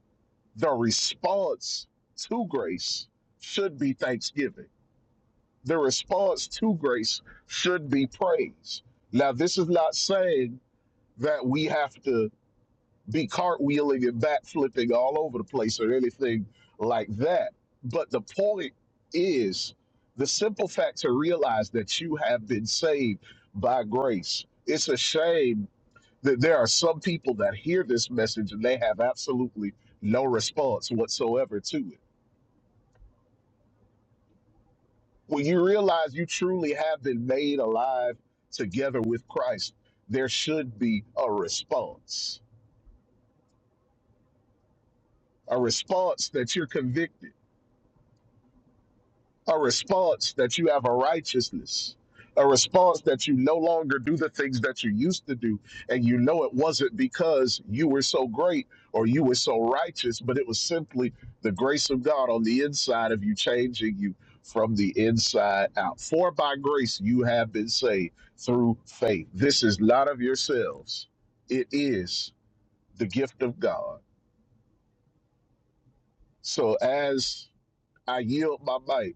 Speaker 4: the response to grace should be thanksgiving. The response to grace should be praise. Now, this is not saying that we have to be cartwheeling and backflipping all over the place or anything like that. But the point is the simple fact to realize that you have been saved by grace. It's a shame that there are some people that hear this message and they have absolutely no response whatsoever to it. When you realize you truly have been made alive together with Christ, there should be a response. A response that you're convicted a response that you have a righteousness, a response that you no longer do the things that you used to do. And you know it wasn't because you were so great or you were so righteous, but it was simply the grace of God on the inside of you, changing you from the inside out. For by grace you have been saved through faith. This is not of yourselves, it is the gift of God. So as I yield my mic,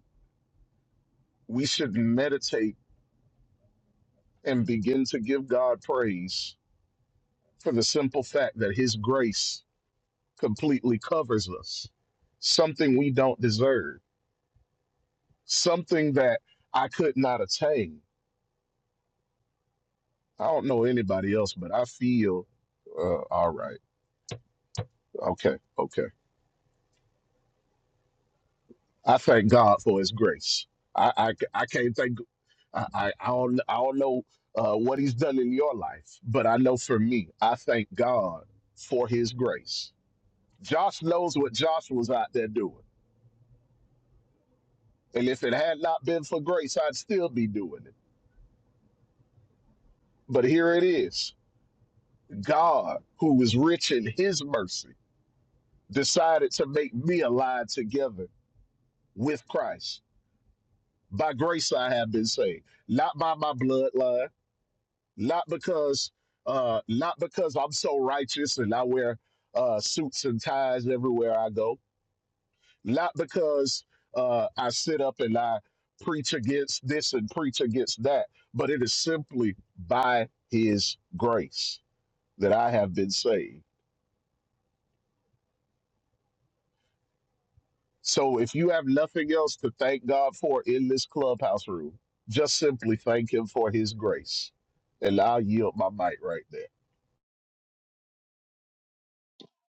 Speaker 4: we should meditate and begin to give God praise for the simple fact that His grace completely covers us, something we don't deserve, something that I could not attain. I don't know anybody else, but I feel uh, all right. Okay, okay. I thank God for His grace. I I, I can't thank. I, I I don't I don't know uh, what He's done in your life, but I know for me, I thank God for His grace. Josh knows what Josh was out there doing. And if it had not been for grace, I'd still be doing it. But here it is God, who is rich in his mercy, decided to make me alive together with Christ. By grace, I have been saved, not by my bloodline, not because. Uh, not because I'm so righteous and I wear uh, suits and ties everywhere I go, not because uh, I sit up and I preach against this and preach against that, but it is simply by His grace that I have been saved. So if you have nothing else to thank God for in this clubhouse room, just simply thank Him for His grace. And I'll yield my mic right there.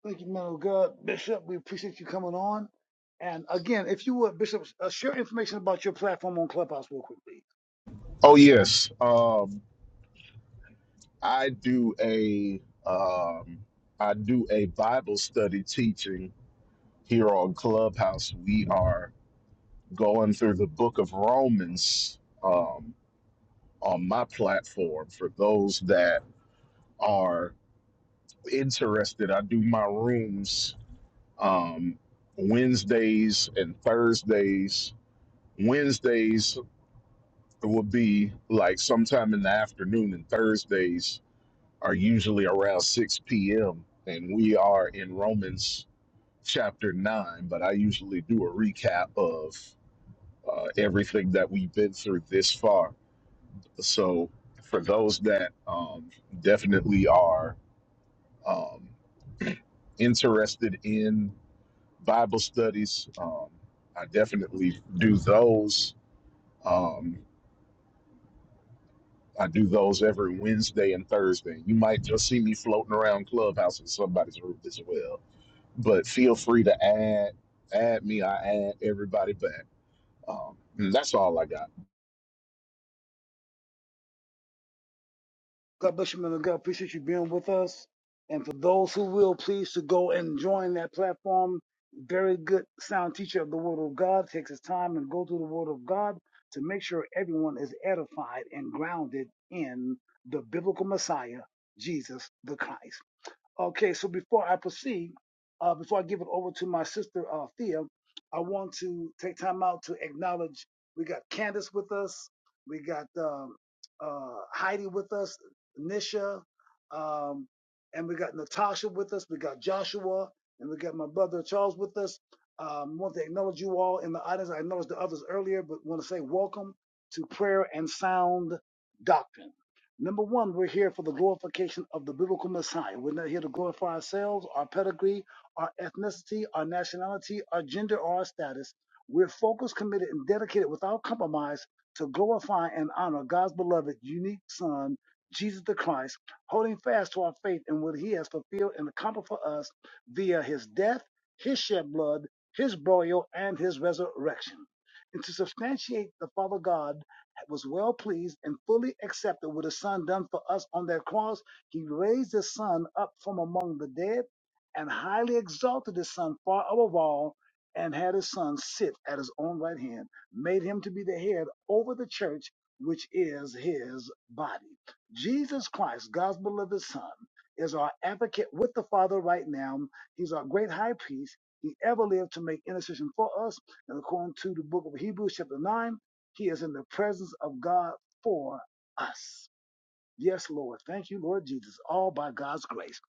Speaker 1: Thank you, man of God, Bishop. We appreciate you coming on. And again, if you would, Bishop, uh, share information about your platform on Clubhouse real quickly.
Speaker 4: Oh yes, um, I do a um, I do a Bible study teaching here on Clubhouse. We are going through the book of Romans um, on my platform for those that are interested. I do my rooms um, Wednesdays and Thursdays. Wednesdays will be like sometime in the afternoon, and Thursdays are usually around 6 p.m. And we are in Romans chapter 9, but I usually do a recap of uh, everything that we've been through this far So for those that um, definitely are um, interested in Bible studies, um, I definitely do those. Um, I do those every Wednesday and Thursday. You might just see me floating around Clubhouse in somebody's room as well. But feel free to add add me. I add everybody back. Um, and that's all I got.
Speaker 1: God bless you, man of God. Appreciate you being with us. And for those who will, please to go and join that platform. Very good sound teacher of the Word of God takes his time and go through the Word of God to make sure everyone is edified and grounded in the biblical Messiah, Jesus the Christ. Okay, so before I proceed, uh, before I give it over to my sister uh, Thea, I want to take time out to acknowledge we got Candace with us, we got um, uh, Heidi with us, Nisha, um, and we got Natasha with us, we got Joshua, and we got my brother Charles with us. Um, want to acknowledge you all in the audience. I acknowledged the others earlier, but want to say welcome to Prayer and Sound Doctrine. Number one, we're here for the glorification of the biblical Messiah. We're not here to glorify ourselves, our pedigree, our ethnicity, our nationality, our gender, or our status. We're focused, committed, and dedicated without compromise to glorify and honor God's beloved, unique Son, Jesus the Christ, holding fast to our faith in what he has fulfilled and accomplished for us via his death, his shed blood, his burial, and his resurrection. And to substantiate the Father God was well pleased and fully accepted with the son done for us on that cross. He raised his son up from among the dead and highly exalted his son far above all and had his son sit at his own right hand, made him to be the head over the church, which is his body. Jesus Christ, God's beloved son, is our advocate with the Father right now. He's our great high priest. He ever lived to make intercession for us. And according to the book of Hebrews, chapter 9, he is in the presence of God for us. Yes, Lord. Thank you, Lord Jesus. All by God's grace.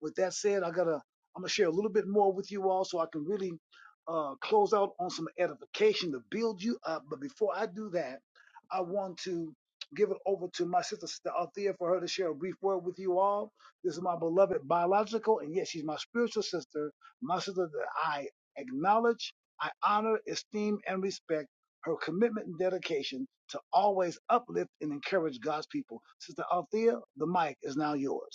Speaker 1: With that said, I gotta I'm gonna share a little bit more with you all so I can really uh, close out on some edification to build you up. But before I do that, I want to give it over to my sister Sister Althea for her to share a brief word with you all. This is my beloved biological, and yes, she's my spiritual sister, my sister that I acknowledge, I honor, esteem, and respect her commitment and dedication to always uplift and encourage God's people. Sister Althea, the mic is now yours.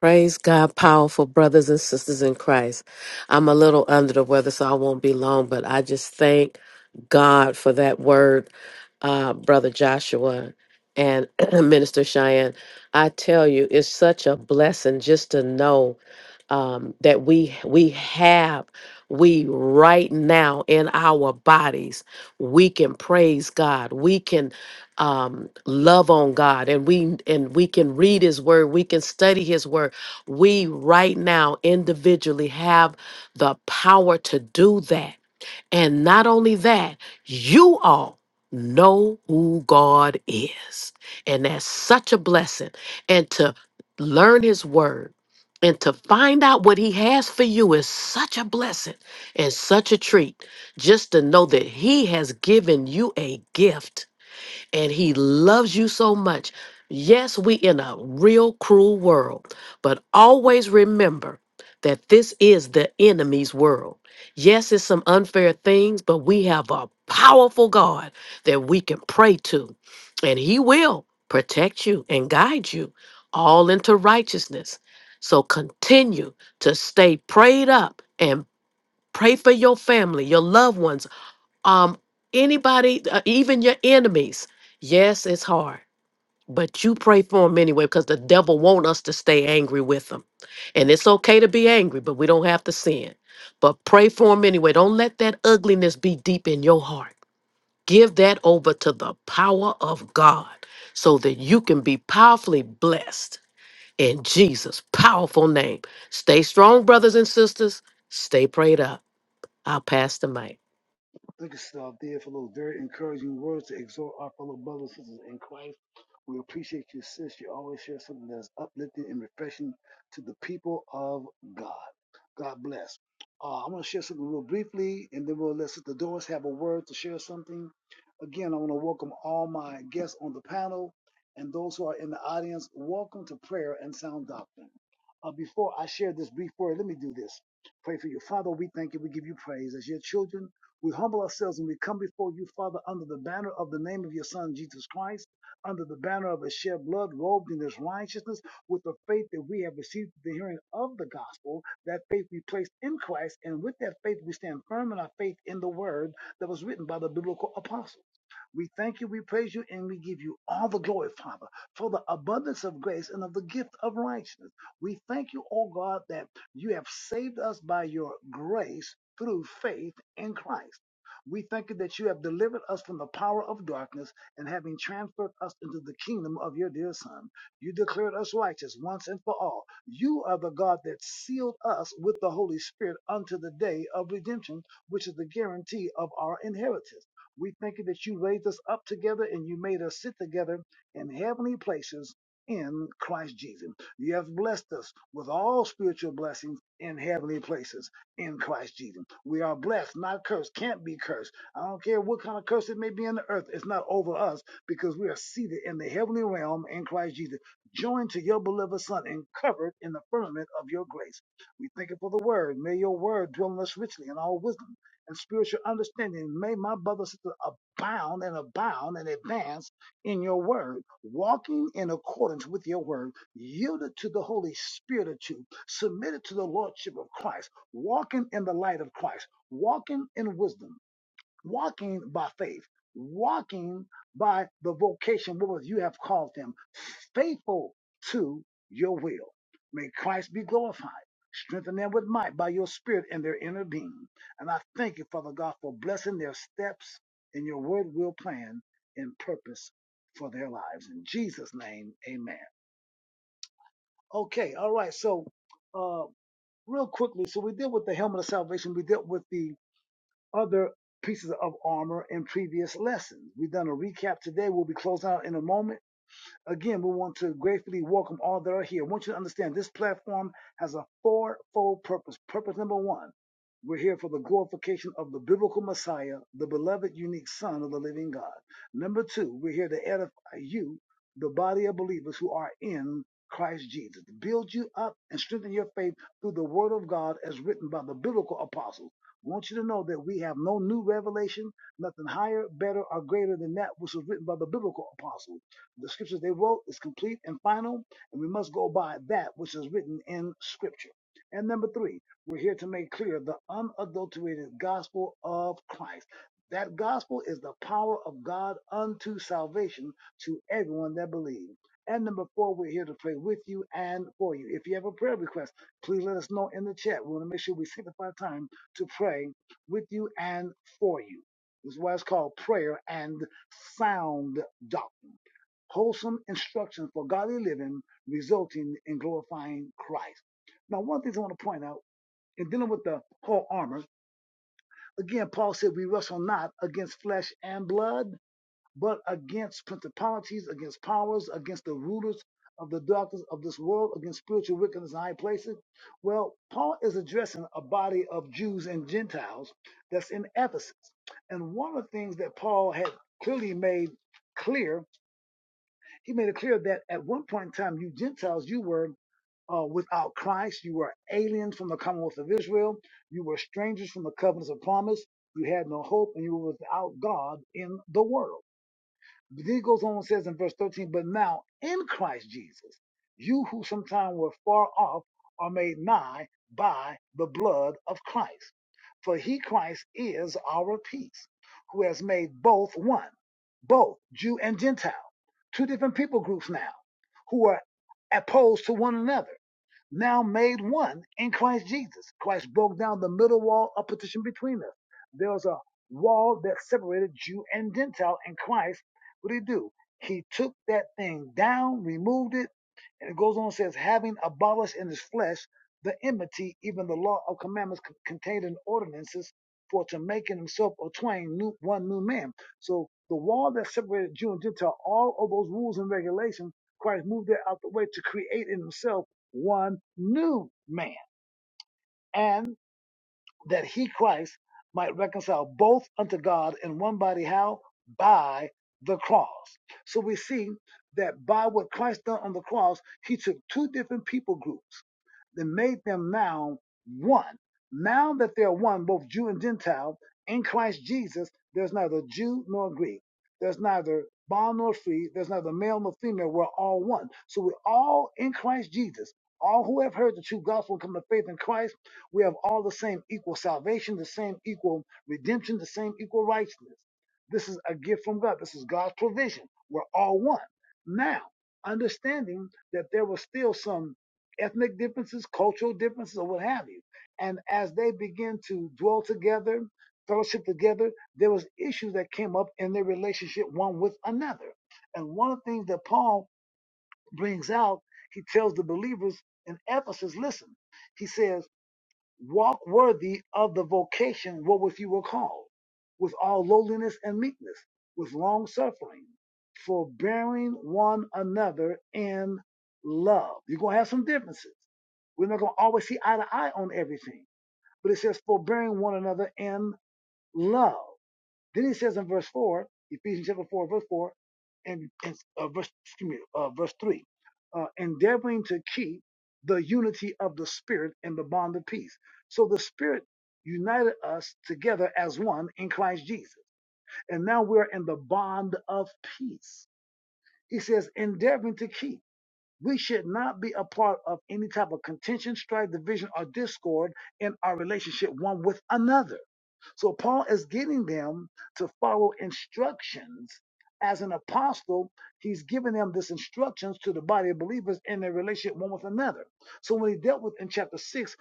Speaker 3: Praise God, powerful brothers and sisters in Christ. I'm a little under the weather, so I won't be long, but I just thank God for that word, uh, Brother Joshua and (clears throat) Minister Cheyenne. I tell you, it's such a blessing just to know um, that we we have we right now in our bodies we can praise god we can um, love on god and we and we can read his word we can study his word we right now individually have the power to do that. And not only that, you all know who God is. And that's such a blessing. And to learn His Word and to find out what He has for you is such a blessing and such a treat. Just to know that He has given you a gift and he loves you so much. Yes, we in a real cruel world, but always remember that this is the enemy's world. Yes, it's some unfair things, but we have a powerful God that we can pray to, and he will protect you and guide you all into righteousness. So continue to stay prayed up and pray for your family, your loved ones um anybody uh, even your enemies yes it's hard but you pray for them anyway because the devil want us to stay angry with them and it's okay to be angry but we don't have to sin but pray for them anyway don't let that ugliness be deep in your heart give that over to the power of god so that you can be powerfully blessed in jesus powerful name stay strong brothers and sisters stay prayed up i'll pass the mic
Speaker 1: Thank you, Sister there for those very encouraging words to exhort our fellow brothers and sisters in Christ. We appreciate you, sis. You always share something that's uplifting and refreshing to the people of God. God bless. Uh, I'm going to share something real briefly, and then we'll let Sister Doris have a word to share something. Again, I want to welcome all my guests on the panel and those who are in the audience. Welcome to prayer and sound doctrine. Uh, before I share this brief word, let me do this. Pray for you. Father, we thank you. We give you praise as your children. We humble ourselves and we come before you, Father, under the banner of the name of your Son, Jesus Christ, under the banner of his shed blood, robed in his righteousness, with the faith that we have received the hearing of the gospel. That faith we place in Christ, and with that faith we stand firm in our faith in the word that was written by the biblical apostles. We thank you, we praise you, and we give you all the glory, Father, for the abundance of grace and of the gift of righteousness. We thank you, oh God, that you have saved us by your grace through faith in Christ. We thank you that you have delivered us from the power of darkness and having transferred us into the kingdom of your dear Son. You declared us righteous once and for all. You are the God that sealed us with the Holy Spirit unto the day of redemption, which is the guarantee of our inheritance. We thank you that you raised us up together and you made us sit together in heavenly places in Christ Jesus. You have blessed us with all spiritual blessings in heavenly places in Christ Jesus. We are blessed, not cursed, can't be cursed. I don't care what kind of curse it may be in the earth, it's not over us because we are seated in the heavenly realm in Christ Jesus, joined to your beloved Son and covered in the firmament of your grace. We thank you for the word. May your word dwell in us richly in all wisdom and spiritual understanding. May my brother, and sister abound and abound and advance in your word, walking in accordance with your word, yielded to the Holy Spirit of you, submitted to the Lordship of Christ, walking in the light of Christ, walking in wisdom, walking by faith, walking by the vocation wherewith you have called them, faithful to your will. May Christ be glorified. Strengthen them with might by your spirit in their inner being. And I thank you, Father God, for blessing their steps in your word, will, plan, and purpose for their lives. In Jesus' name, amen. Okay, all right. So, uh, real quickly, so we dealt with the helmet of salvation, we dealt with the other pieces of armor in previous lessons. We've done a recap today. We'll be closing out in a moment. Again, we want to gratefully welcome all that are here. I want you to understand this platform has a fourfold purpose. Purpose number one, we're here for the glorification of the biblical Messiah, the beloved, unique Son of the living God. Number two, we're here to edify you, the body of believers who are in Christ Jesus, to build you up and strengthen your faith through the word of God as written by the biblical apostles. I want you to know that we have no new revelation, nothing higher, better, or greater than that which was written by the biblical apostles. The scriptures they wrote is complete and final, and we must go by that which is written in scripture. And number three, we're here to make clear the unadulterated gospel of Christ. That gospel is the power of God unto salvation to everyone that believes. And number four, we're here to pray with you and for you. If you have a prayer request, please let us know in the chat. We want to make sure we sanctify time to pray with you and for you. This is why it's called prayer and sound doctrine wholesome instruction for godly living, resulting in glorifying Christ. Now, one thing I want to point out in dealing with the whole armor, again, Paul said, We wrestle not against flesh and blood, but against principalities, against powers, against the rulers of the darkness of this world, against spiritual wickedness in high places. Well, Paul is addressing a body of Jews and Gentiles that's in Ephesus. And one of the things that Paul had clearly made clear he made it clear that at one point in time, you Gentiles, you were uh, without Christ, you were aliens from the Commonwealth of Israel, you were strangers from the covenants of promise, you had no hope, and you were without God in the world then he goes on and says in verse 13, but now in Christ Jesus, you who sometime were far off are made nigh by the blood of Christ. For he, Christ, is our peace, who has made both one, both Jew and Gentile, two different people groups now, who are opposed to one another now made one in Christ Jesus. Christ broke down the middle wall of partition between us. There was a wall that separated Jew and Gentile in Christ. What did he do? He took that thing down, removed it, and it goes on and says, having abolished in his flesh the enmity, even the law of commandments contained in ordinances, for to make in himself or twain new, one new man. So the wall that separated Jew and Gentile, all of those rules and regulations, Christ moved that out the way to create in himself one new man. And that he Christ might reconcile both unto God in one body. How? By the cross. So we see that by what Christ done on the cross, he took two different people groups that made them now one. Now that they're one, both Jew and Gentile, in Christ Jesus, there's neither Jew nor Greek. There's neither bond nor free. There's neither male nor female. We're all one. So we're all in Christ Jesus. All who have heard the true gospel and come to faith in Christ, we have all the same equal salvation, the same equal redemption, the same equal righteousness. This is a gift from God. This is God's provision. We're all one. Now, understanding that there was still some ethnic differences, cultural differences, or what have you. And as they begin to dwell together, fellowship together, there was issues that came up in their relationship one with another. And one of the things that Paul brings out, he tells the believers in Ephesus, listen, he says, walk worthy of the vocation wherewith you were called, with all lowliness and meekness, with long suffering, forbearing one another in love. You're going to have some differences we're not going to always see eye to eye on everything. But it says, forbearing one another in love. Then it says in verse 4, Ephesians chapter 4, verse 4, and, and uh, verse, excuse me, uh, verse 3, uh, endeavoring to keep the unity of the Spirit and the bond of peace. So the Spirit united us together as one in Christ Jesus. And now we're in the bond of peace. He says, endeavoring to keep. We should not be a part of any type of contention, strife, division, or discord in our relationship one with another. So Paul is getting them to follow instructions. As an apostle, he's giving them this instructions to the body of believers in their relationship one with another. So when he dealt with in chapter six,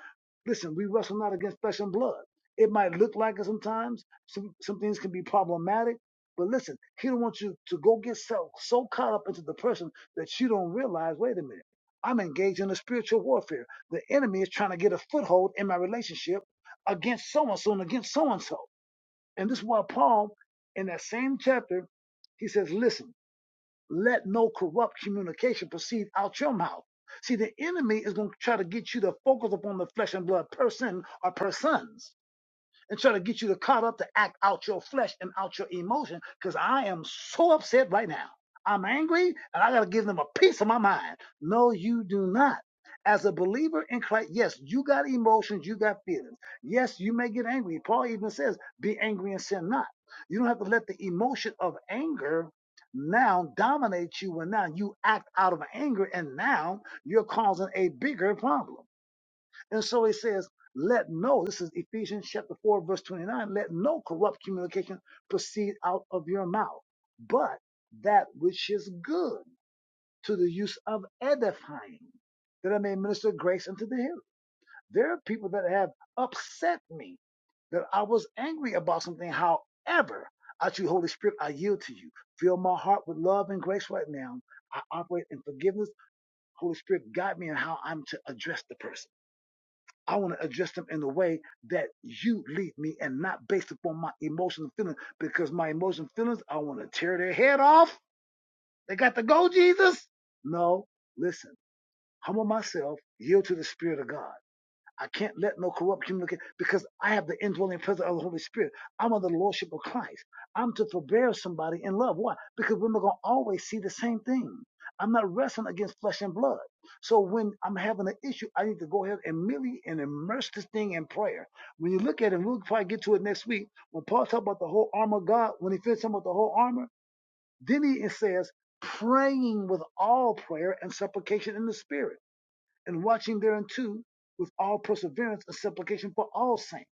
Speaker 1: listen, we wrestle not against flesh and blood. It might look like it sometimes. Some, some things can be problematic. But listen, he don't want you to go get so, so caught up into the person that you don't realize, wait a minute, I'm engaged in a spiritual warfare. The enemy is trying to get a foothold in my relationship against so and so and against so and so. And this is why Paul, in that same chapter, he says, listen, let no corrupt communication proceed out your mouth. See, the enemy is going to try to get you to focus upon the flesh and blood person or persons and try to get you to caught up to act out your flesh and out your emotion because I am so upset right now. I'm angry and I got to give them a piece of my mind. No, you do not. As a believer in Christ, yes, you got emotions, you got feelings. Yes, you may get angry. Paul even says, be angry and sin not. You don't have to let the emotion of anger now dominate you when now you act out of anger and now you're causing a bigger problem. And so he says, let no, this is Ephesians chapter 4, verse 29, let no corrupt communication proceed out of your mouth, but that which is good to the use of edifying, that I may minister grace unto the hearer. There are people that have upset me, that I was angry about something. However, I you, Holy Spirit, I yield to you. Fill my heart with love and grace right now. I operate in forgiveness. Holy Spirit, guide me in how I'm to address the person I want to address them in a way that you lead me and not based upon my emotional feelings because my emotional feelings, I want to tear their head off. They got to go, Jesus. No, listen, humble myself, yield to the Spirit of God. I can't let no corrupt communicate because I have the indwelling presence of the Holy Spirit. I'm under the lordship of Christ. I'm to forbear somebody in love. Why? Because we're not going to always see the same thing. I'm not wrestling against flesh and blood. So when I'm having an issue, I need to go ahead and merely and immerse this thing in prayer. When you look at it, we'll probably get to it next week. When Paul talks about the whole armor of God, when he finishes about the whole armor, then he says, praying with all prayer and supplication in the spirit and watching thereunto with all perseverance and supplication for all saints.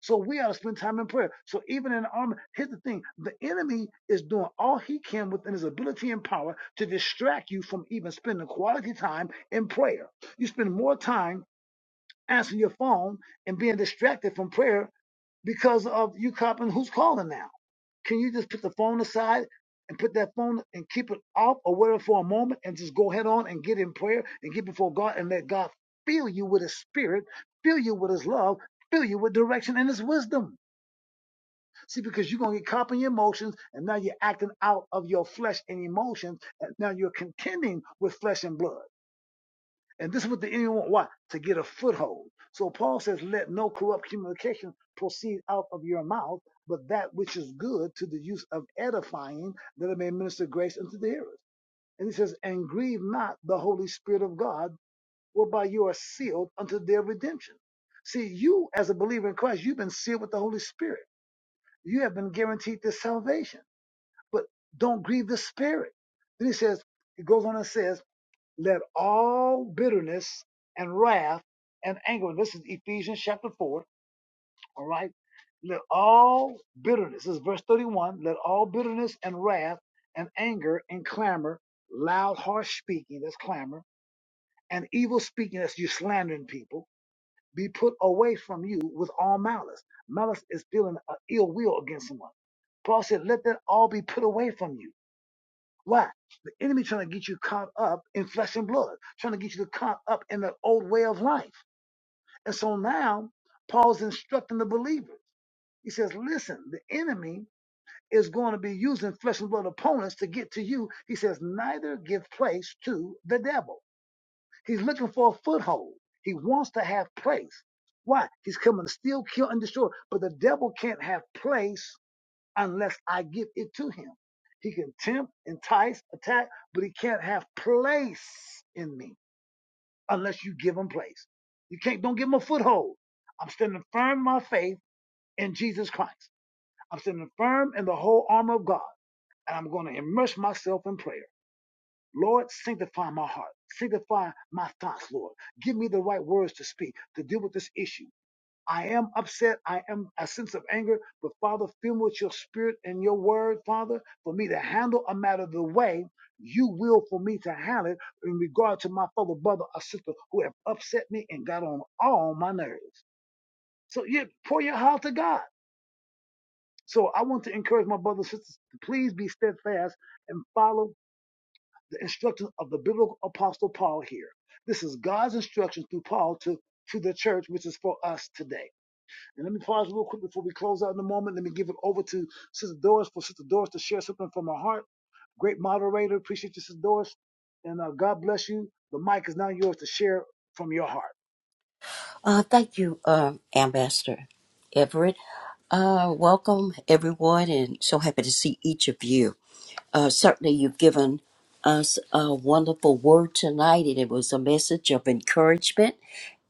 Speaker 1: So we ought to spend time in prayer. So even in the army, here's the thing: the enemy is doing all he can within his ability and power to distract you from even spending quality time in prayer. You spend more time answering your phone and being distracted from prayer because of you copping who's calling now can you just put the phone aside and put that phone and keep it off or whatever for a moment and just go head on and get in prayer and get before God and let God fill you with His Spirit, fill you with His love, fill you with direction and His wisdom? See, because you're going to get caught in your emotions and now you're acting out of your flesh and emotions. And now you're contending with flesh and blood. And this is what the enemy want. Why? To get a foothold. So Paul says, let no corrupt communication proceed out of your mouth, but that which is good to the use of edifying, that it may minister grace unto the hearers. And he says, and grieve not the Holy Spirit of God, whereby you are sealed unto their redemption. See, you as a believer in Christ, you've been sealed with the Holy Spirit. You have been guaranteed this salvation, but don't grieve the Spirit. Then he says, he goes on and says, let all bitterness and wrath and anger, this is Ephesians chapter 4, all right? Let all bitterness, this is verse 31, let all bitterness and wrath and anger and clamor, loud, harsh speaking, that's clamor, and evil speaking, that's you slandering people, be put away from you with all malice. Malice is feeling uh, ill will against someone. Paul said, let that all be put away from you. Why? The enemy trying to get you caught up in flesh and blood, trying to get you caught up in the old way of life. And so now Paul's instructing the believers. He says, listen, the enemy is going to be using flesh and blood opponents to get to you. He says, neither give place to the devil. He's looking for a foothold. He wants to have place. Why? He's coming to steal, kill, and destroy. But the devil can't have place unless I give it to him. He can tempt, entice, attack, but he can't have place in me unless you give him place. You can't, don't give him a foothold. I'm standing firm in my faith in Jesus Christ. I'm standing firm in the whole armor of God, and I'm going to immerse myself in prayer. Lord, sanctify my heart. Sanctify my thoughts, Lord. Give me the right words to speak to deal with this issue. I am upset. I am a sense of anger. But Father, fill me with your spirit and your word, Father, for me to handle a matter the way you will for me to handle it in regard to my fellow brother or sister who have upset me and got on all my nerves. So you pour your heart to God. So I want to encourage my brothers and sisters to please be steadfast and follow the instructions of the biblical apostle Paul here. This is God's instruction through Paul to, to the church, which is for us today. And let me pause real quick before we close out in a moment. Let me give it over to Sister Doris for Sister Doris to share something from her heart. Great moderator. Appreciate you, Sister Doris. And uh, God bless you. The mic is now yours to share from your heart.
Speaker 5: Uh, thank you, uh, Ambassador Everett. Uh, welcome, everyone, and so happy to see each of you. Uh, certainly, you've given us a wonderful word tonight, and it was a message of encouragement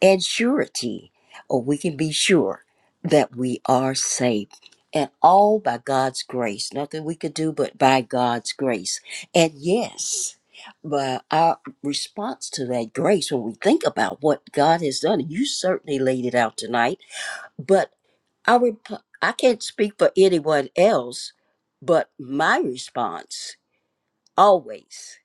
Speaker 5: and surety, or we can be sure that we are saved. And all by God's grace. Nothing we could do but by God's grace. And yes, but our response to that grace, when we think about what God has done, and you certainly laid it out tonight, but I, rep- I can't speak for anyone else, but my response always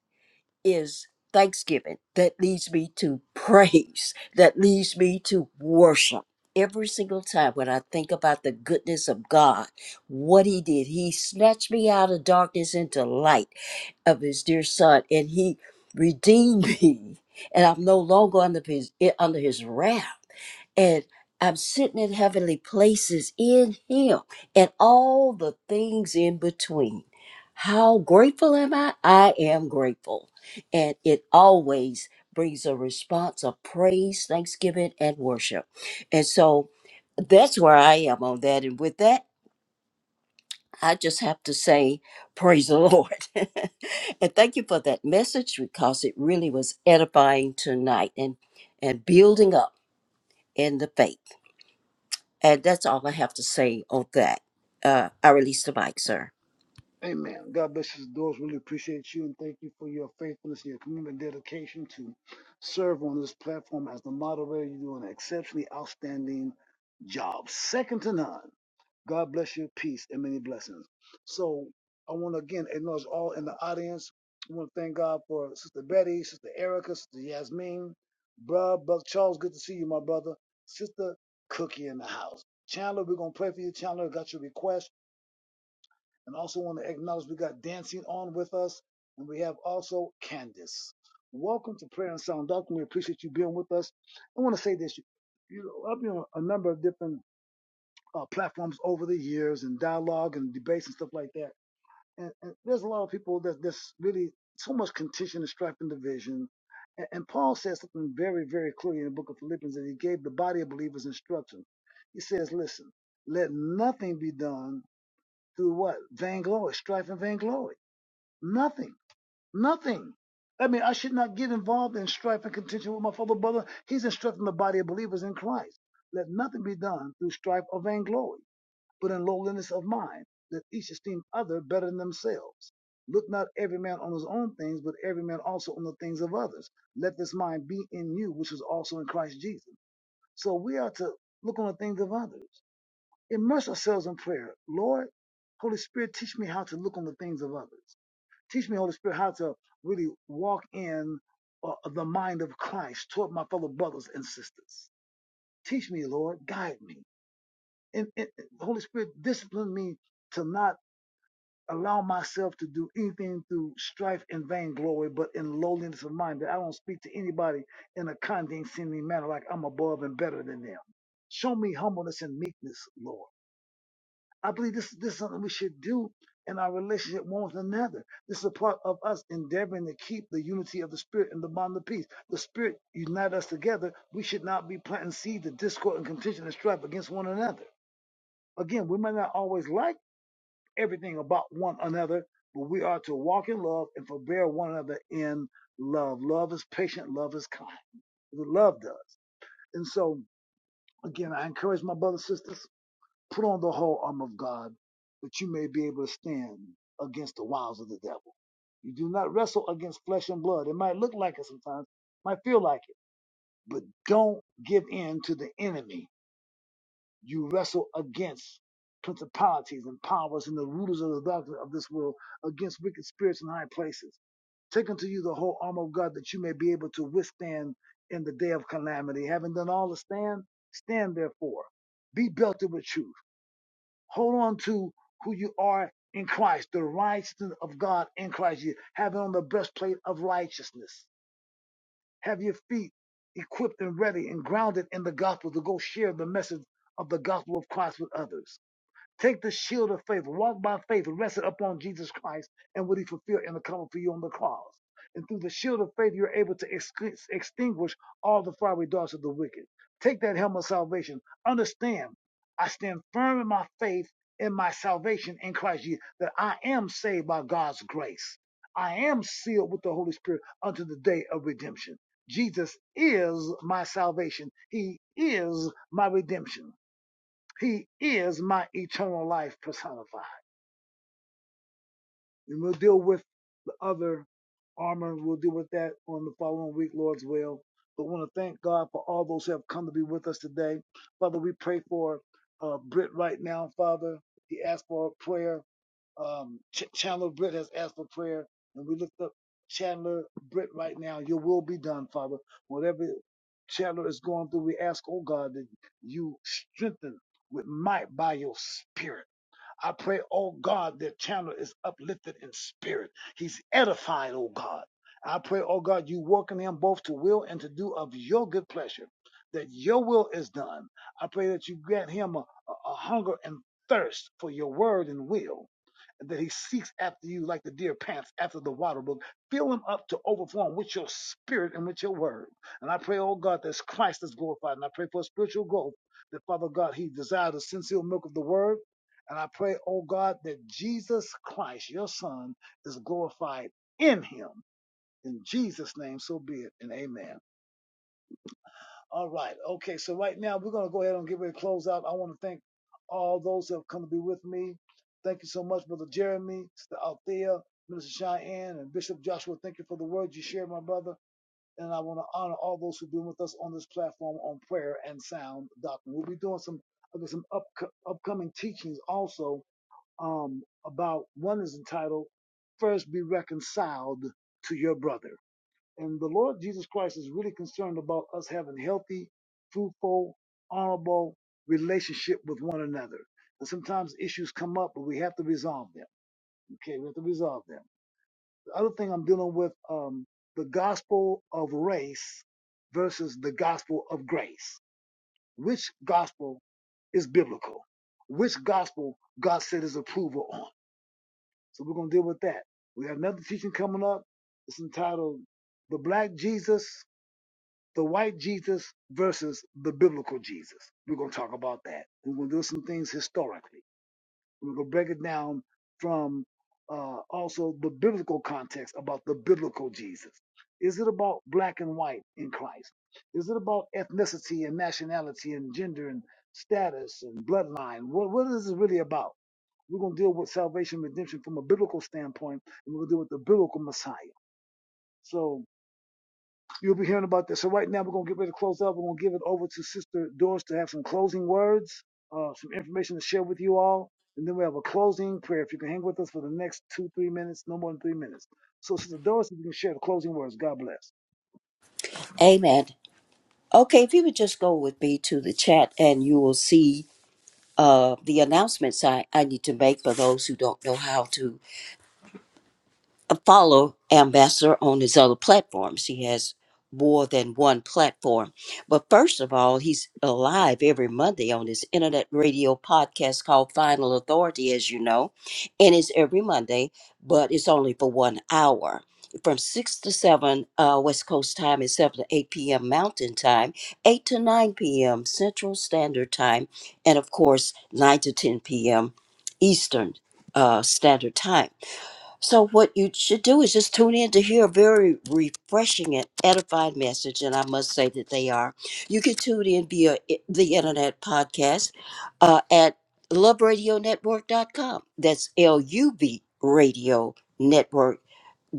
Speaker 5: is thanksgiving that leads me to (laughs) praise, that leads me to worship. Every single time when I think about the goodness of God, what He did, He snatched me out of darkness into light of His dear Son, and He redeemed (laughs) me, and I'm no longer under His eh, under His wrath and I'm sitting in heavenly places in Him and all the things in between. How grateful am I? I am grateful. And it always brings a response of praise, thanksgiving, and worship. And so that's where I am on that. And with that, I just have to say, praise the Lord. (laughs) and thank you for that message because it really was edifying tonight and, and building up in the faith. And that's all I have to say on that. Uh, I release the mic, sir.
Speaker 1: Amen. God bless you, Sister Doris. Really appreciate you and thank you for your faithfulness, your commitment, and dedication to serve on this platform as the moderator. You're doing an exceptionally outstanding job, second to none. God bless you. Peace and many blessings. So I want to again acknowledge all in the audience. I want to thank God for Sister Betty, Sister Erica, Sister Yasmin, Bruh, Buck Charles. Good to see you, my brother. Sister Cookie in the house. Chandler, we're gonna pray for you. Chandler, got your request, and also want to acknowledge we got dancing on with us, and we have also Candace. Welcome to Prayer and Sound Doctrine. We appreciate you being with us. I want to say this. You know, I've been on a number of different uh, platforms over the years and dialogue and debates and stuff like that. And, and there's a lot of people that that's really so much contention and strife and division. And, and Paul says something very, very clearly in the book of Philippians that he gave the body of believers instruction. He says, listen, let nothing be done through what? Vainglory, strife and vainglory. Nothing, nothing. I mean, I should not get involved in strife and contention with my fellow brother. He's instructing the body of believers in Christ. Let nothing be done through strife or vainglory but in lowliness of mind, that each esteem other better than themselves. Look not every man on his own things, but every man also on the things of others. Let this mind be in you, which is also in Christ Jesus. So we are to look on the things of others. Immerse ourselves in prayer. Lord, Holy Spirit, teach me how to look on the things of others. Teach me, Holy Spirit, how to really walk in uh, the mind of Christ toward my fellow brothers and sisters. Teach me, Lord, guide me. and and Holy Spirit, discipline me to not allow myself to do anything through strife and vainglory, but in lowliness of mind, that I don't speak to anybody in a condescending manner like I'm above and better than them. Show me humbleness and meekness, Lord. I believe this, this is something we should do in our relationship one with another. This is a part of us endeavoring to keep the unity of the Spirit and the bond of peace. The Spirit unite us together. We should not be planting seeds of discord and contention and strife against one another. Again, we might not always like everything about one another, but we are to walk in love and forbear one another in love. Love is patient, love is kind. love does. And so, again, I encourage my brothers and sisters, put on the whole armor of God that you may be able to stand against the wiles of the devil. You do not wrestle against flesh and blood. It might look like it sometimes, might feel like it, but don't give in to the enemy you wrestle against principalities and powers and the rulers of the darkness of this world, against wicked spirits in high places. Take unto you the whole armor of God that you may be able to withstand in the day of calamity. Having done all to stand, stand therefore. Be belted with truth. Hold on to who you are in Christ, the righteousness of God in Christ. You have on the breastplate of righteousness. Have your feet equipped and ready and grounded in the gospel to go share the message of the gospel of Christ with others Take the shield of faith, walk by faith, and rest it upon Jesus Christ and what he fulfilled in the coming for you on the cross. And through the shield of faith, you're able to excu- extinguish all the fiery darts of the wicked. Take that helmet of salvation. Understand, I stand firm in my faith in my salvation in Christ Jesus, that I am saved by God's grace. I am sealed with the Holy Spirit unto the day of redemption. Jesus is my salvation. He is my redemption. He is my eternal life personified. And we'll deal with the other armor. We'll deal with that on the following week, Lord's will. But I want to thank God for all those who have come to be with us today. Father, we pray for uh, Britt right now, Father. He asked for prayer. Um, Ch- Chandler Britt has asked for prayer. And we lift up Chandler Britt right now. Your will be done, Father. Whatever Chandler is going through, we ask, oh God, that you strengthen with might by your spirit. I pray, oh God, that Chandler is uplifted in spirit. He's edified, oh God. I pray, oh God, you work in him both to will and to do of your good pleasure, that your will is done. I pray that you grant him a, a a hunger and thirst for your word and will that he seeks after you like the deer pants after the water brook. Fill him up to overflowing with your spirit and with your word. And I pray, oh God, that Christ is glorified. And I pray for spiritual growth, that Father God, he desires the sincere milk of the word. And I pray, oh God, that Jesus Christ, your son, is glorified in him. In Jesus' name, so be it. And amen. All right. Okay. So right now we're going to go ahead and get ready to close out. I want to thank all those who have come to be with me. Thank you so much, Brother Jeremy, Sister Althea, Minister Cheyenne, and Bishop Joshua. Thank you for the words you shared, my brother. And I want to honor all those who've been with us on this platform on prayer and sound doctrine. We'll be doing some uh, some up, upcoming teachings also um, about one is entitled "First Be Reconciled to Your Brother." And the Lord Jesus Christ is really concerned about us having healthy, fruitful, honorable relationship with one another. And sometimes issues come up, but we have to resolve them. Okay, we have to resolve them. The other thing I'm dealing with, um, the gospel of race versus the gospel of grace. Which gospel is biblical? Which gospel God said His approval on? So we're gonna deal with that. We have another teaching coming up. It's entitled The Black Jesus the white Jesus versus the biblical Jesus. We're going to talk about that. We're going to do some things historically. We're going to break it down from uh, also the biblical context about the biblical Jesus. Is it about black and white in Christ? Is it about ethnicity and nationality and gender and status and bloodline? What, what is it really about? We're going to deal with salvation, redemption from a biblical standpoint, and we're going to deal with the biblical Messiah. So, You'll be hearing about this. So right now we're gonna get ready to close up. We're gonna give it over to Sister Doris to have some closing words, uh, some information to share with you all, and then we have a closing prayer. If you can hang with us for the next two, three minutes, no more than three minutes. So Sister Doris, if you can share the closing words, God bless.
Speaker 5: Amen. Okay, if you would just go with me to the chat and you will see uh, the announcements I, I need to make for those who don't know how to uh, follow Ambassador on his other platforms. He has more than one platform. But first of all, he's alive every Monday on his internet radio podcast called Final Authority, as you know. And it's every Monday, but it's only for one hour. From 6 to 7 uh, West Coast time and 7 to 8 p.m. Mountain time, 8 to 9 p.m. Central Standard Time, and of course, 9 to 10 p.m. Eastern uh, Standard Time. So what you should do is just tune in to hear a very refreshing and edified message, and I must say that they are. You can tune in via i- the internet podcast uh, at love radio network dot com. That's L-U-V Radio Network.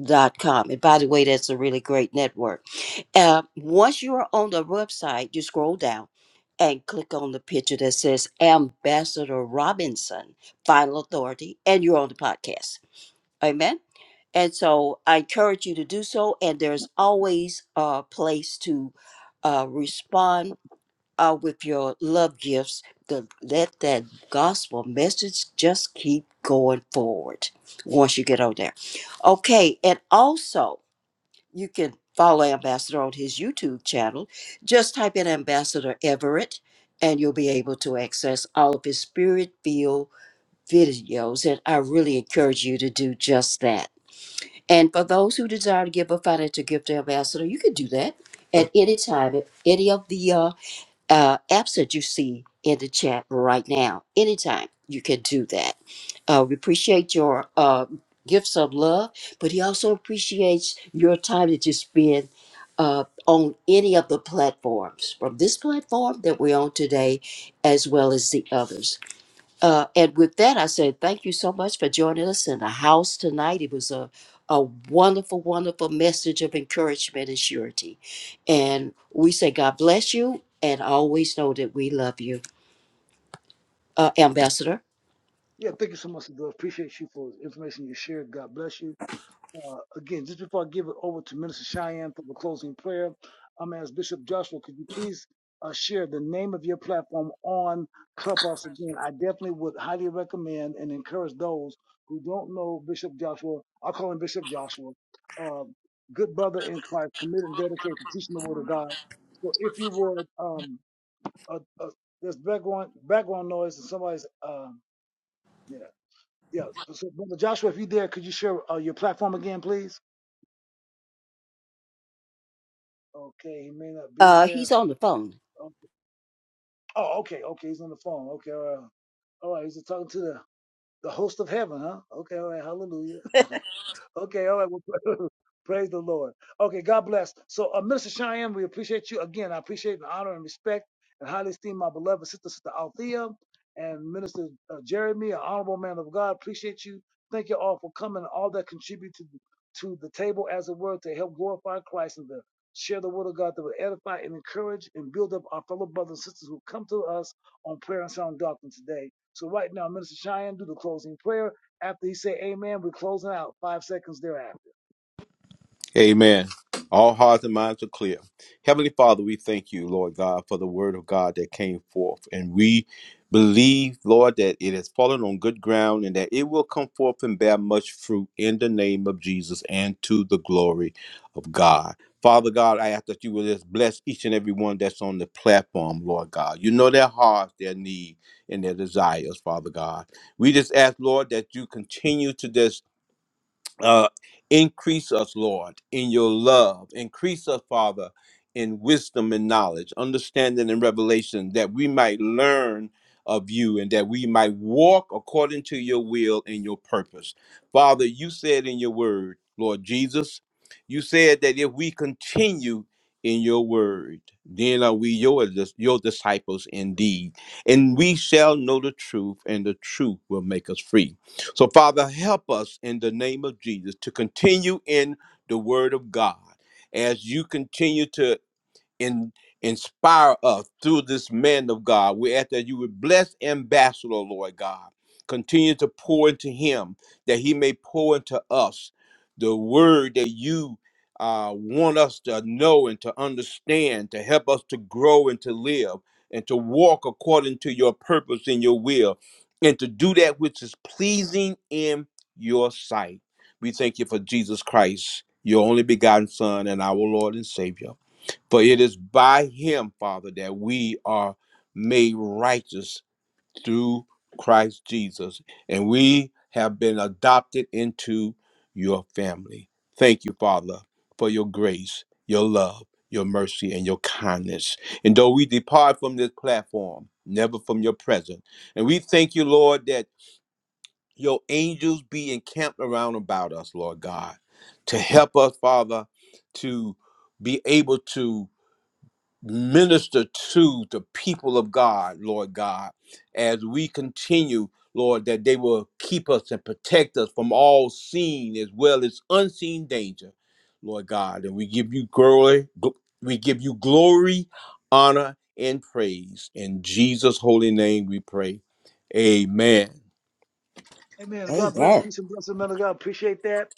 Speaker 5: Dot com. And by the way, that's a really great network. Uh, once you are on the website, you scroll down and click on the picture that says Ambassador Robinson, Final Authority, and you're on the podcast. Amen. And so I encourage you to do so. And there's always a place to uh, respond uh, with your love gifts. To let that gospel message just keep going forward once you get over there. Okay. And also, you can follow Ambassador on his YouTube channel. Just type in Ambassador Everett and you'll be able to access all of his spirit filled videos. And I really encourage you to do just that. And for those who desire to give a financial gift to Ambassador, you can do that at any time, at any of the uh, uh, apps that you see in the chat right now. Anytime you can do that. Uh, we appreciate your uh, gifts of love, but he also appreciates your time that you spend uh, on any of the platforms, from this platform that we're on today, as well as the others. Uh, and with that, I said, thank you so much for joining us in the house tonight. It was a, a wonderful, wonderful message of encouragement and surety. And we say, God bless you, and always know that we love you. Uh, Ambassador,
Speaker 1: Yeah, thank you so much, Sister Doris. Appreciate you for the information you shared. God bless you. Uh, again, just before I give it over to Minister Cheyenne for the closing prayer, I'm gonna ask Bishop Joshua, could you please uh, share the name of your platform on Clubhouse again? I definitely would highly recommend and encourage those who don't know Bishop Joshua. I'll call him Bishop Joshua. Uh, good brother in Christ, committed and dedicated to teaching the Word of God. So if you would, um, uh, uh, there's background background noise and somebody's, um, yeah, yeah. So Brother Joshua, if you're there, could you share uh, your platform again, please? Okay, he may not be
Speaker 5: uh, he's
Speaker 1: there.
Speaker 5: on the phone.
Speaker 1: Oh, oh, okay, okay, he's on the phone. Okay, all right, all right. He's talking to the the host of heaven, huh? Okay, all right, hallelujah. Okay, all right. Well, (laughs) praise the Lord. Okay, God bless. So, uh, Minister Cheyenne, we appreciate you again. I appreciate and honor and respect and highly esteem my beloved sister, Sister Althea, and Minister uh, Jeremy, an honorable man of God. Appreciate you. Thank you all for coming, all that contribute to to the table, as it were, to help glorify Christ and to share the word of God that will edify and encourage and build up our fellow brothers and sisters who come to us on prayer and sound doctrine today. So, right now, Minister Cheyenne, do the closing prayer. After you say amen, we're closing out five seconds thereafter.
Speaker 6: Amen. All hearts and minds are clear. Heavenly Father, we thank you, Lord God, for the word of God that came forth. And we believe, Lord, that it has fallen on good ground and that it will come forth and bear much fruit in the name of Jesus and to the glory of God. Father God, I ask that you will just bless each and every one that's on the platform, Lord God. You know their hearts, their need, and their desires, Father God. We just ask, Lord, that you continue to this uh, increase us, Lord, in your love. Increase us, Father, in wisdom and knowledge, understanding and revelation, that we might learn of you and that we might walk according to your will and your purpose. Father, you said in your word, Lord Jesus, you said that if we continue in your word, then are we your, dis- your disciples indeed. And we shall know the truth, and the truth will make us free. So, Father, help us in the name of Jesus to continue in the Word of God as you continue to in, inspire us through this man of God. We ask that you would bless Ambassador, Lord God. Continue to pour into him that he may pour into us the word that you uh, want us to know and to understand, to help us to grow and to live and to walk according to your purpose and your will, and to do that which is pleasing in your sight. We thank you for Jesus Christ, your only begotten Son and our Lord and Savior. For it is by him, Father, that we are made righteous through Christ Jesus, and we have been adopted into your family. Thank you, Father, for your grace, your love, your mercy, and your kindness. And though we depart from this platform, never from your presence. And we thank you, Lord, that your angels be encamped around about us, Lord God, to help us, Father, to be able to minister to the people of God, Lord God, as we continue, Lord, that they will keep us and protect us from all seen as well as unseen danger, Lord God. And we give you glory, gl- we give you glory, honor, and praise. In Jesus' holy name we pray. Amen.
Speaker 1: Amen. God bless.
Speaker 5: Amen.
Speaker 1: Peace and blessings, man of God. Appreciate that.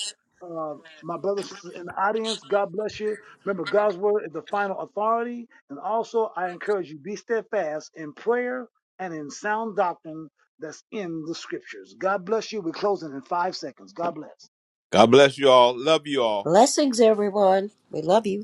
Speaker 1: Um, my brothers and sisters in the audience, God bless you. Remember, God's word is the final authority. And also, I encourage you, be steadfast in prayer and in sound doctrine that's in the scriptures. God bless you. We're closing in five seconds. God bless.
Speaker 6: God bless you all. Love you all.
Speaker 5: Blessings, everyone. We love you.